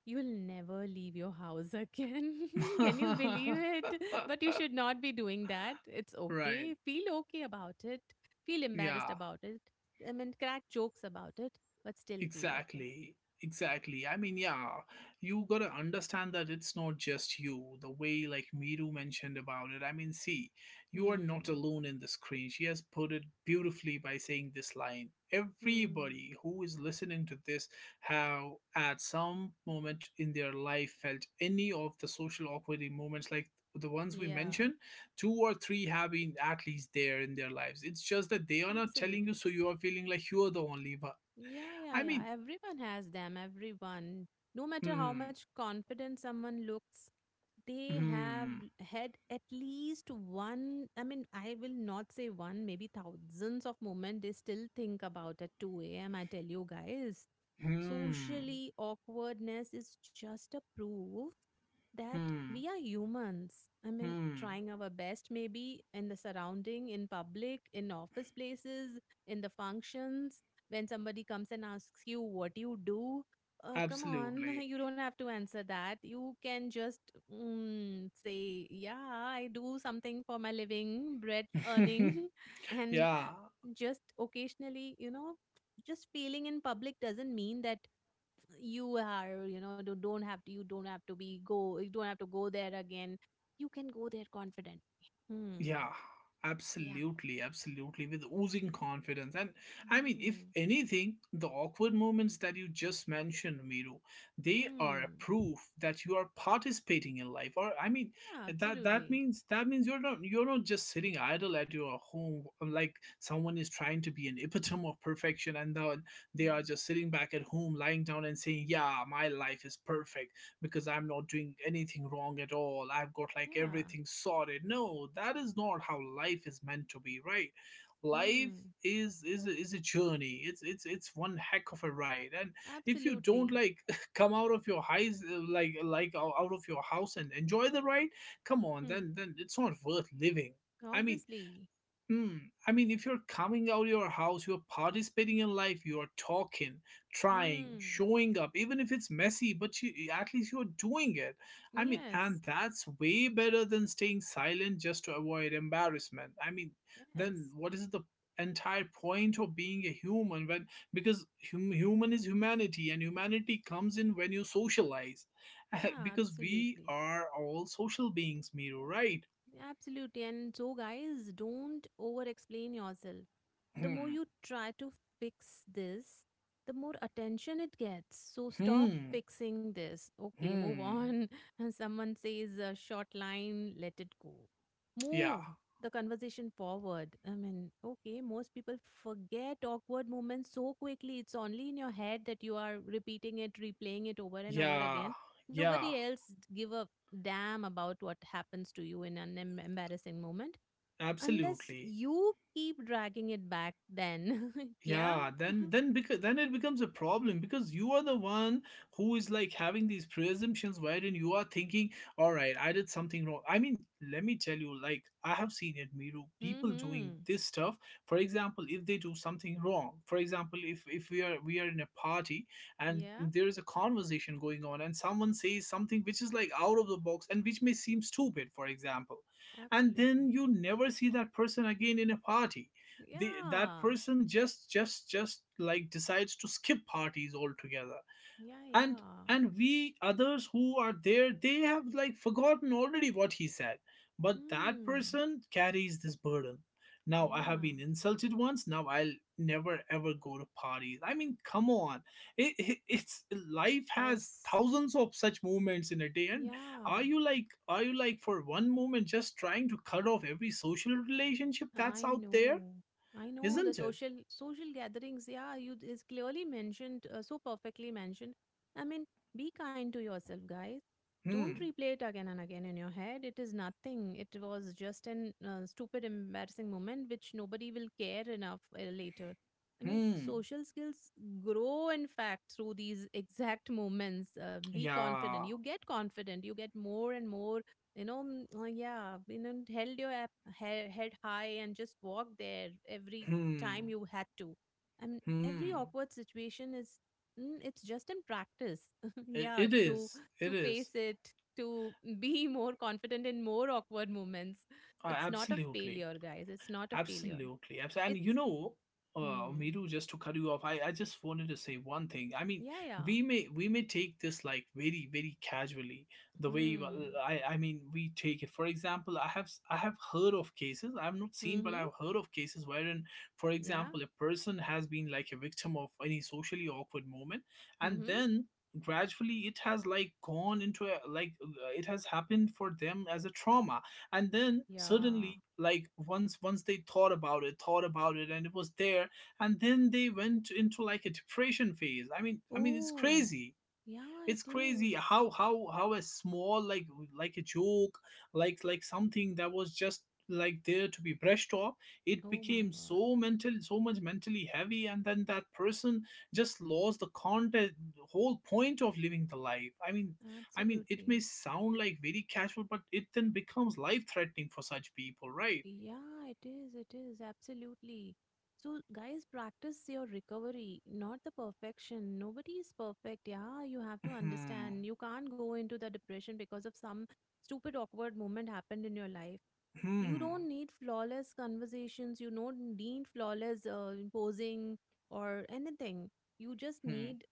[SPEAKER 2] you'll never leave your house again. Can you believe it? But you should not be doing that. It's
[SPEAKER 1] right.
[SPEAKER 2] okay. Feel okay about it. Feel embarrassed
[SPEAKER 1] Yeah.
[SPEAKER 2] about it. I mean, crack jokes about it, but still feel okay.
[SPEAKER 1] Exactly. Exactly. Yeah, you gotta understand that it's not just you. The way like Miru mentioned about it. See, you are not
[SPEAKER 2] Hmm.
[SPEAKER 1] alone in the screen. She has put it beautifully by saying this line.
[SPEAKER 2] Hmm.
[SPEAKER 1] Everybody who is listening to this have at some moment in their life felt any of the social awkward moments like the ones we
[SPEAKER 2] Yeah,
[SPEAKER 1] mentioned, two or three have been at least there in their lives. It's just that they are not telling you,
[SPEAKER 2] absolutely.
[SPEAKER 1] so you are feeling like you are the only one.
[SPEAKER 2] Yeah, yeah,
[SPEAKER 1] I
[SPEAKER 2] yeah.
[SPEAKER 1] mean,
[SPEAKER 2] Everyone has them, everyone. No matter how
[SPEAKER 1] Hmm,
[SPEAKER 2] much confident someone looks, they have
[SPEAKER 1] hmm,
[SPEAKER 2] had at least one, I mean, I will not say one, maybe thousands of moments they still think about at 2 a.m. I tell you guys.
[SPEAKER 1] hmm,
[SPEAKER 2] Socially, awkwardness is just a proof that
[SPEAKER 1] hmm,
[SPEAKER 2] we are humans. I mean,
[SPEAKER 1] hmm.
[SPEAKER 2] trying our best maybe in the surrounding, in public, in office places, in the functions, when somebody comes and asks you what you do. Come on,
[SPEAKER 1] Absolutely.
[SPEAKER 2] you don't have to answer that. You can just say, yeah, I do something for my living, bread earning, and
[SPEAKER 1] yeah,
[SPEAKER 2] just occasionally, you know, just failing in public doesn't mean that you are you know don't have to you don't have to be go you don't have to go there again. You can go there confidently. Hmm
[SPEAKER 1] yeah,
[SPEAKER 2] yeah
[SPEAKER 1] absolutely, absolutely, with oozing confidence. And if
[SPEAKER 2] hmm
[SPEAKER 1] anything, the awkward moments that you just mentioned, Miro, they are a
[SPEAKER 2] hmm
[SPEAKER 1] proof that you are participating in life. Or I mean,
[SPEAKER 2] yeah
[SPEAKER 1] that that
[SPEAKER 2] absolutely
[SPEAKER 1] means that means you're not just sitting idle at your home, like someone is trying to be an epitome of perfection and then they are
[SPEAKER 2] hmm
[SPEAKER 1] just sitting back at home, lying down and saying, "Yeah, my life is perfect," because I'm not doing anything wrong at all. I've got like
[SPEAKER 2] yeah
[SPEAKER 1] everything sorted. No, that is not how life is meant to be, right? Life
[SPEAKER 2] hmm
[SPEAKER 1] is a journey. It's one heck of a ride. And if you don't
[SPEAKER 2] absolutely
[SPEAKER 1] like come out of your highs, like out of your house and enjoy the ride, come on,
[SPEAKER 2] hmm
[SPEAKER 1] then it's not worth living. I mean,
[SPEAKER 2] obviously
[SPEAKER 1] Hmm. I mean, if you're coming out of your house, you're participating in life, you're talking, trying,
[SPEAKER 2] hmm
[SPEAKER 1] showing up, even if it's messy, but you, at least you're doing it. I mean,
[SPEAKER 2] yes
[SPEAKER 1] and that's way better than staying silent just to avoid embarrassment. I mean, then
[SPEAKER 2] yes
[SPEAKER 1] what is the entire point of being a human when, because, human is humanity, and humanity comes in when you socialize,
[SPEAKER 2] yeah
[SPEAKER 1] because we
[SPEAKER 2] absolutely
[SPEAKER 1] are all social beings, Miru, right?
[SPEAKER 2] Absolutely. And so, guys, don't over explain yourself. The more
[SPEAKER 1] Hmm,
[SPEAKER 2] you try to fix this, the more attention it gets. So, stop
[SPEAKER 1] hmm,
[SPEAKER 2] fixing this. Okay, move
[SPEAKER 1] hmm.
[SPEAKER 2] on. And someone says a short line, let it go.
[SPEAKER 1] Yeah,
[SPEAKER 2] Move the conversation forward. I mean, okay, most people forget awkward moments so quickly. It's only in your head that you are repeating it, replaying it over and over
[SPEAKER 1] yeah,
[SPEAKER 2] again. Nobody
[SPEAKER 1] yeah,
[SPEAKER 2] else give a damn about what happens to you in an embarrassing moment unless
[SPEAKER 1] absolutely.
[SPEAKER 2] you keep dragging it back then. yeah
[SPEAKER 1] Yeah, then, because then it becomes a problem, because you are the one who is like having these presumptions, wherein you are thinking, all right, I did something wrong. I mean, let me tell you, like, I have seen it, Miru, people doing
[SPEAKER 2] mm-hmm
[SPEAKER 1] this stuff. For example, if they do something wrong. For example, if we are in a party and
[SPEAKER 2] yeah
[SPEAKER 1] there is a conversation going on and someone says something which is like out of the box and which may seem stupid, for example, and then
[SPEAKER 2] absolutely
[SPEAKER 1] you never see that person again in a party. The that
[SPEAKER 2] yeah
[SPEAKER 1] person just like decides to skip parties altogether.
[SPEAKER 2] yeah
[SPEAKER 1] and
[SPEAKER 2] yeah
[SPEAKER 1] and we others who are there, they have like forgotten already what he said, but that
[SPEAKER 2] hmm
[SPEAKER 1] person carries this burden. Now I have
[SPEAKER 2] yeah
[SPEAKER 1] been insulted once, now I'll never ever go to parties. I mean, come on, it's life has
[SPEAKER 2] yes
[SPEAKER 1] thousands of such moments in a day. And are
[SPEAKER 2] yeah
[SPEAKER 1] you like, for one moment just trying to cut off every social relationship that's
[SPEAKER 2] I
[SPEAKER 1] out there?
[SPEAKER 2] know. I know the
[SPEAKER 1] Isn't it?
[SPEAKER 2] social gatherings. Yeah, you is clearly mentioned, so perfectly mentioned. I mean, be kind to yourself, guys. Don't
[SPEAKER 1] Hmm,
[SPEAKER 2] replay it again and again in your head. It is nothing. It was just an stupid, embarrassing moment which nobody will care enough later. I mean,
[SPEAKER 1] hmm,
[SPEAKER 2] social skills grow, in fact, through these exact moments. Be confident.
[SPEAKER 1] yeah,
[SPEAKER 2] You get confident. You get more and more you know yeah you know held your head high and just walked there every
[SPEAKER 1] hmm,
[SPEAKER 2] time you had to and every
[SPEAKER 1] hmm.
[SPEAKER 2] awkward situation is it's just in practice
[SPEAKER 1] I-
[SPEAKER 2] yeah
[SPEAKER 1] it is,
[SPEAKER 2] to
[SPEAKER 1] it
[SPEAKER 2] face
[SPEAKER 1] is,
[SPEAKER 2] it to be more confident in more awkward moments. It's not a
[SPEAKER 1] absolutely.
[SPEAKER 2] failure guys, it's not a failure.
[SPEAKER 1] Absolutely. And you
[SPEAKER 2] It's
[SPEAKER 1] know,
[SPEAKER 2] hmm
[SPEAKER 1] Miru, just to cut you off, I just wanted to say one thing. I mean,
[SPEAKER 2] yeah yeah
[SPEAKER 1] we may take this like very very casually. The way you-
[SPEAKER 2] hmm
[SPEAKER 1] I mean we take it. For example, I have heard of cases. I have not seen, but
[SPEAKER 2] mhm
[SPEAKER 1] I've heard of cases wherein, for
[SPEAKER 2] yeah
[SPEAKER 1] example, a person has been like a victim of any socially awkward moment, and
[SPEAKER 2] mhm
[SPEAKER 1] then gradually it has like gone into a like, it has happened for them as a trauma, and then
[SPEAKER 2] yeah
[SPEAKER 1] suddenly, like, once they thought about it, and it was there, and then they went into like a depression phase. I mean, I mean, it's
[SPEAKER 2] oh
[SPEAKER 1] crazy.
[SPEAKER 2] yeah
[SPEAKER 1] It's
[SPEAKER 2] it
[SPEAKER 1] crazy
[SPEAKER 2] is
[SPEAKER 1] how a small like a joke, like something that was just like there to be brushed off, it
[SPEAKER 2] oh my
[SPEAKER 1] became
[SPEAKER 2] god
[SPEAKER 1] so mental, so much mentally heavy, and then that person just lost the context, whole point of living the life. I mean, I mean, it
[SPEAKER 2] Absolutely.
[SPEAKER 1] may sound like very casual, but it then becomes life threatening for such people, right?
[SPEAKER 2] Yeah, it is. It is. Absolutely. So, guys, practice your recovery, not the perfection. Nobody is perfect. Yeah, you have to
[SPEAKER 1] Hmm,
[SPEAKER 2] understand. You can't go into the depression because of some stupid, awkward moment happened in your life. You don't
[SPEAKER 1] hmm,
[SPEAKER 2] need flawless conversations. You don't need flawless posing or anything. You just
[SPEAKER 1] hmm,
[SPEAKER 2] need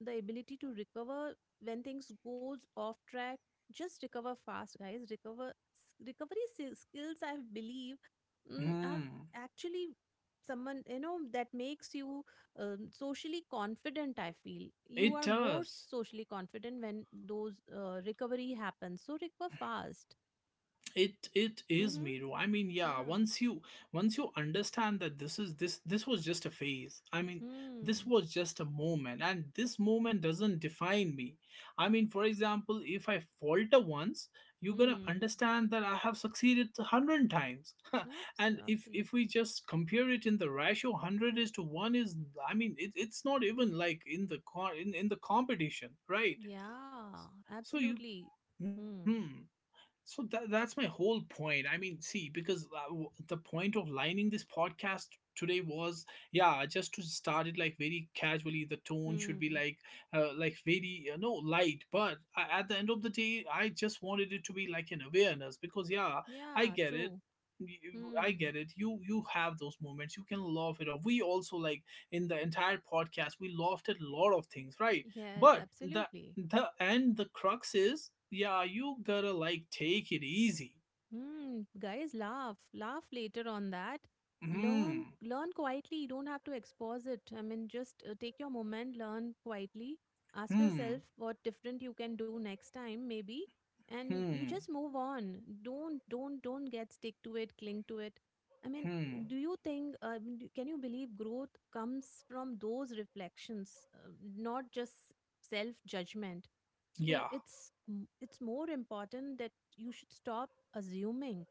[SPEAKER 2] the ability to recover when things goes off track. Just recover fast guys, recover recovery skills, I believe are
[SPEAKER 1] hmm.
[SPEAKER 2] actually someone you know that makes you socially confident. I feel you
[SPEAKER 1] It
[SPEAKER 2] are more
[SPEAKER 1] does.
[SPEAKER 2] socially confident when those recovery happens. So recover fast.
[SPEAKER 1] It is,
[SPEAKER 2] mm-hmm.
[SPEAKER 1] Miru. I mean, yeah,
[SPEAKER 2] yeah
[SPEAKER 1] once you, once you understand that this this was just a phase. I mean, this
[SPEAKER 2] hmm
[SPEAKER 1] was just a moment, and this moment doesn't define me. I mean, for example, if I falter once, you're going to
[SPEAKER 2] hmm
[SPEAKER 1] understand that I have succeeded a 100 times.
[SPEAKER 2] Abs-
[SPEAKER 1] And if we
[SPEAKER 2] absolutely.
[SPEAKER 1] just compare it in the ratio 100 is to 1 is, I mean, it's not even like in the competition, right?
[SPEAKER 2] Yeah
[SPEAKER 1] So you,
[SPEAKER 2] absolutely hmm
[SPEAKER 1] hmm, so that's my whole point. I mean, see, because, the point of lining this podcast today was, yeah, just to start it like very casually. The tone should be
[SPEAKER 2] hmm
[SPEAKER 1] like very you know light. But at the end of the day, I just wanted it to be like an awareness because, yeah, I
[SPEAKER 2] yeah
[SPEAKER 1] get it.
[SPEAKER 2] true
[SPEAKER 1] I
[SPEAKER 2] hmm
[SPEAKER 1] get it. You have those moments. You can laugh it off. We also like in the entire podcast, we laughed at a lot of things, right?
[SPEAKER 2] yes
[SPEAKER 1] But the
[SPEAKER 2] absolutely
[SPEAKER 1] the and the crux is, yeah, you gotta like take it easy.
[SPEAKER 2] Hmm, guys, laugh. Laugh later on that. Learn,
[SPEAKER 1] Hmm,
[SPEAKER 2] learn quietly. You don't have to expose it. I mean, just take your moment, learn quietly. Ask yourself
[SPEAKER 1] hmm,
[SPEAKER 2] what different you can do next time, maybe, and you
[SPEAKER 1] hmm,
[SPEAKER 2] just move on. Don't get stick to it, cling to it. I mean,
[SPEAKER 1] hmm,
[SPEAKER 2] do you think? Can you believe growth comes from those reflections, not just self judgment? So
[SPEAKER 1] yeah,
[SPEAKER 2] it's more important that you should stop assuming.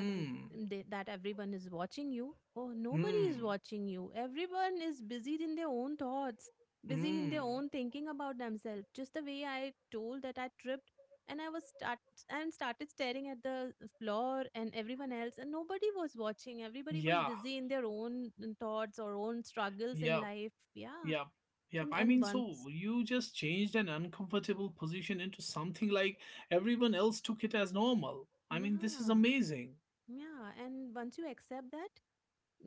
[SPEAKER 2] i mean they, that everyone is watching you. Oh, nobody is
[SPEAKER 1] hmm,
[SPEAKER 2] watching you. Everyone is busy in their own thoughts, busy in their
[SPEAKER 1] hmm,
[SPEAKER 2] own thinking about themselves, just the way I told that I tripped and i was start and started staring at the floor and everyone else, and nobody was watching. Everybody was
[SPEAKER 1] yeah,
[SPEAKER 2] busy in their own thoughts or own struggles in
[SPEAKER 1] yep,
[SPEAKER 2] life. Yeah.
[SPEAKER 1] yep, yep. I
[SPEAKER 2] And
[SPEAKER 1] mean, so
[SPEAKER 2] once
[SPEAKER 1] you just changed an uncomfortable position into something like everyone else took it as normal. I mean, this is
[SPEAKER 2] Yeah,
[SPEAKER 1] amazing.
[SPEAKER 2] yeah. And once you accept that,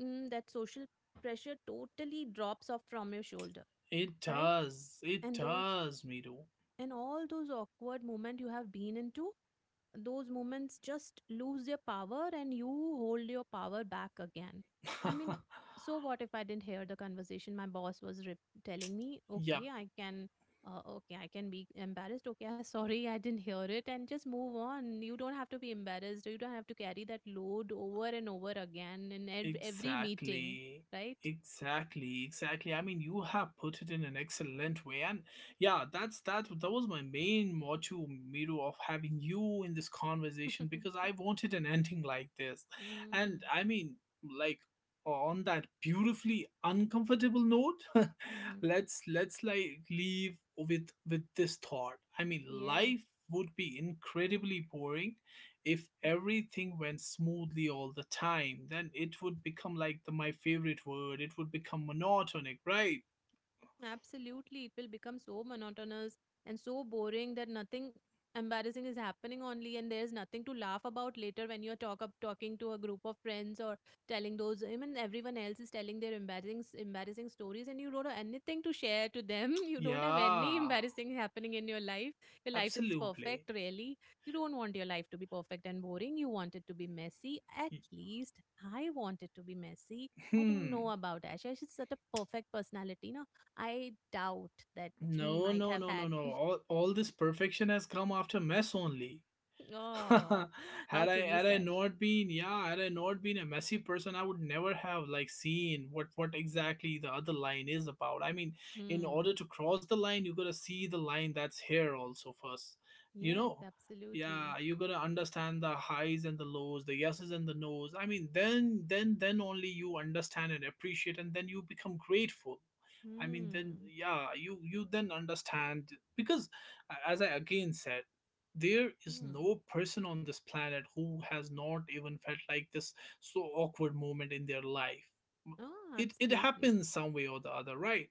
[SPEAKER 2] that social pressure totally drops off from your shoulder,
[SPEAKER 1] It
[SPEAKER 2] right?
[SPEAKER 1] does, it
[SPEAKER 2] And those,
[SPEAKER 1] does, Miru.
[SPEAKER 2] and all those awkward moments you have been into, those moments just lose their power and you hold your power back again. I mean, so what if I didn't hear the conversation my boss was telling me?
[SPEAKER 1] Yep.
[SPEAKER 2] Okay, I can okay, I can be embarrassed. Okay, I sorry, I didn't hear it, and just move on. You don't have to be embarrassed. You don't have to carry that load over and over again in every meeting,
[SPEAKER 1] Exactly.
[SPEAKER 2] right?
[SPEAKER 1] Exactly, exactly. I mean, you have put it in an excellent way, and yeah, that's that. That was my main motto, Miru, of having you in this conversation, because I wanted an ending like this,
[SPEAKER 2] Mm,
[SPEAKER 1] and I mean, like, on that beautifully uncomfortable note,
[SPEAKER 2] mhm.
[SPEAKER 1] let's like leave with this thought. I mean,
[SPEAKER 2] Yes.
[SPEAKER 1] life would be incredibly boring if
[SPEAKER 2] Mm-hmm.
[SPEAKER 1] everything went smoothly all the time. Then it would become like the, my favorite word. It would become monotonic, right?
[SPEAKER 2] Absolutely. It will become so monotonous and so boring that nothing embarrassing is happening only, and there's nothing to laugh about later when you're talking to a group of friends or telling those, I mean, everyone else is telling their embarrassing stories and you don't have anything to share to them. You don't have any
[SPEAKER 1] Yeah,
[SPEAKER 2] embarrassing happening in your life. Your life is perfect,
[SPEAKER 1] absolutely.
[SPEAKER 2] really. You don't want your life to be perfect and boring. You want it to be messy. At
[SPEAKER 1] Y-
[SPEAKER 2] least I want it to be messy. I don't know
[SPEAKER 1] Hmm.
[SPEAKER 2] about Ash. Ash is such a perfect personality. I doubt that he
[SPEAKER 1] No,
[SPEAKER 2] might
[SPEAKER 1] no,
[SPEAKER 2] have
[SPEAKER 1] no, no,
[SPEAKER 2] had.
[SPEAKER 1] no. All this perfection has come after mess only.
[SPEAKER 2] Oh, how
[SPEAKER 1] had I
[SPEAKER 2] truly
[SPEAKER 1] had I
[SPEAKER 2] sad.
[SPEAKER 1] not been, yeah, had I not been a messy person, I would never have like seen what exactly the other line is about. I mean, in order
[SPEAKER 2] Hmm.
[SPEAKER 1] to cross the line, you gotta see the line that's here also first. You
[SPEAKER 2] Yes,
[SPEAKER 1] know,
[SPEAKER 2] absolutely.
[SPEAKER 1] yeah, you gotta understand the highs and the lows, the yeses and the nos. I mean, then only you understand and appreciate, and then you become grateful. I mean, then,
[SPEAKER 2] Hmm.
[SPEAKER 1] yeah, you then understand, because, as I again said, there is
[SPEAKER 2] Hmm.
[SPEAKER 1] no person on this planet who has not even felt like this, so awkward moment in their life.
[SPEAKER 2] Oh,
[SPEAKER 1] It
[SPEAKER 2] absolutely.
[SPEAKER 1] happens some way or the other, right?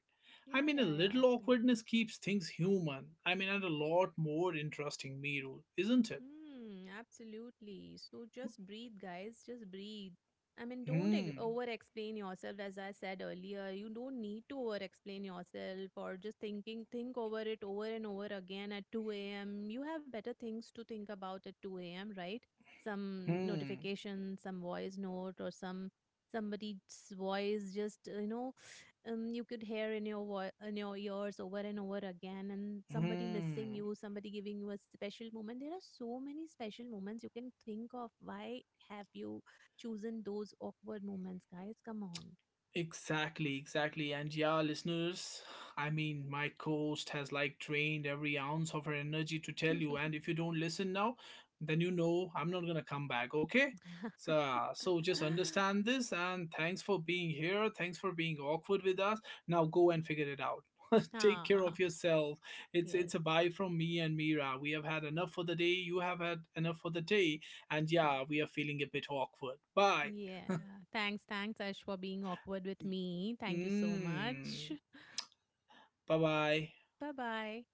[SPEAKER 1] I
[SPEAKER 2] Yeah,
[SPEAKER 1] mean, a
[SPEAKER 2] yeah, yeah,
[SPEAKER 1] little
[SPEAKER 2] absolutely.
[SPEAKER 1] awkwardness keeps things human. I mean, and a lot more interesting, Miru, isn't it?
[SPEAKER 2] Hmm, absolutely. So just breathe, guys. Just breathe. I mean, don't
[SPEAKER 1] Hmm,
[SPEAKER 2] over explain yourself. As I said earlier, you don't need to over explain yourself or just thinking, think over it over and over again at 2 a.m. You have better things to think about at 2 a.m., right? Some
[SPEAKER 1] hmm,
[SPEAKER 2] notification, some voice note, or some somebody's voice just, you know, you could hear in your in your ears over and over again, and somebody missing
[SPEAKER 1] hmm.
[SPEAKER 2] you, somebody giving you a special moment. There are so many special moments you can think of. Why have you chosen those awkward moments, guys? Come on.
[SPEAKER 1] Exactly, exactly. And yeah, listeners, I mean, my host has like drained every ounce of her energy to tell you. And if you don't listen now, then you know I'm not gonna come back, okay? So, so just understand this, and thanks for being here. Thanks for being awkward with us. Now go and figure it out. Take care
[SPEAKER 2] ah,
[SPEAKER 1] of yourself. It's
[SPEAKER 2] yes
[SPEAKER 1] it's a bye from me and Mira. We have had enough for the day. You have had enough for the day. And yeah,
[SPEAKER 2] yes
[SPEAKER 1] we are feeling a bit awkward. Bye.
[SPEAKER 2] yeah Thanks, thanks Ash for being awkward with me. Thank you so
[SPEAKER 1] Mm.
[SPEAKER 2] much.
[SPEAKER 1] 拜拜。
[SPEAKER 2] Bye bye.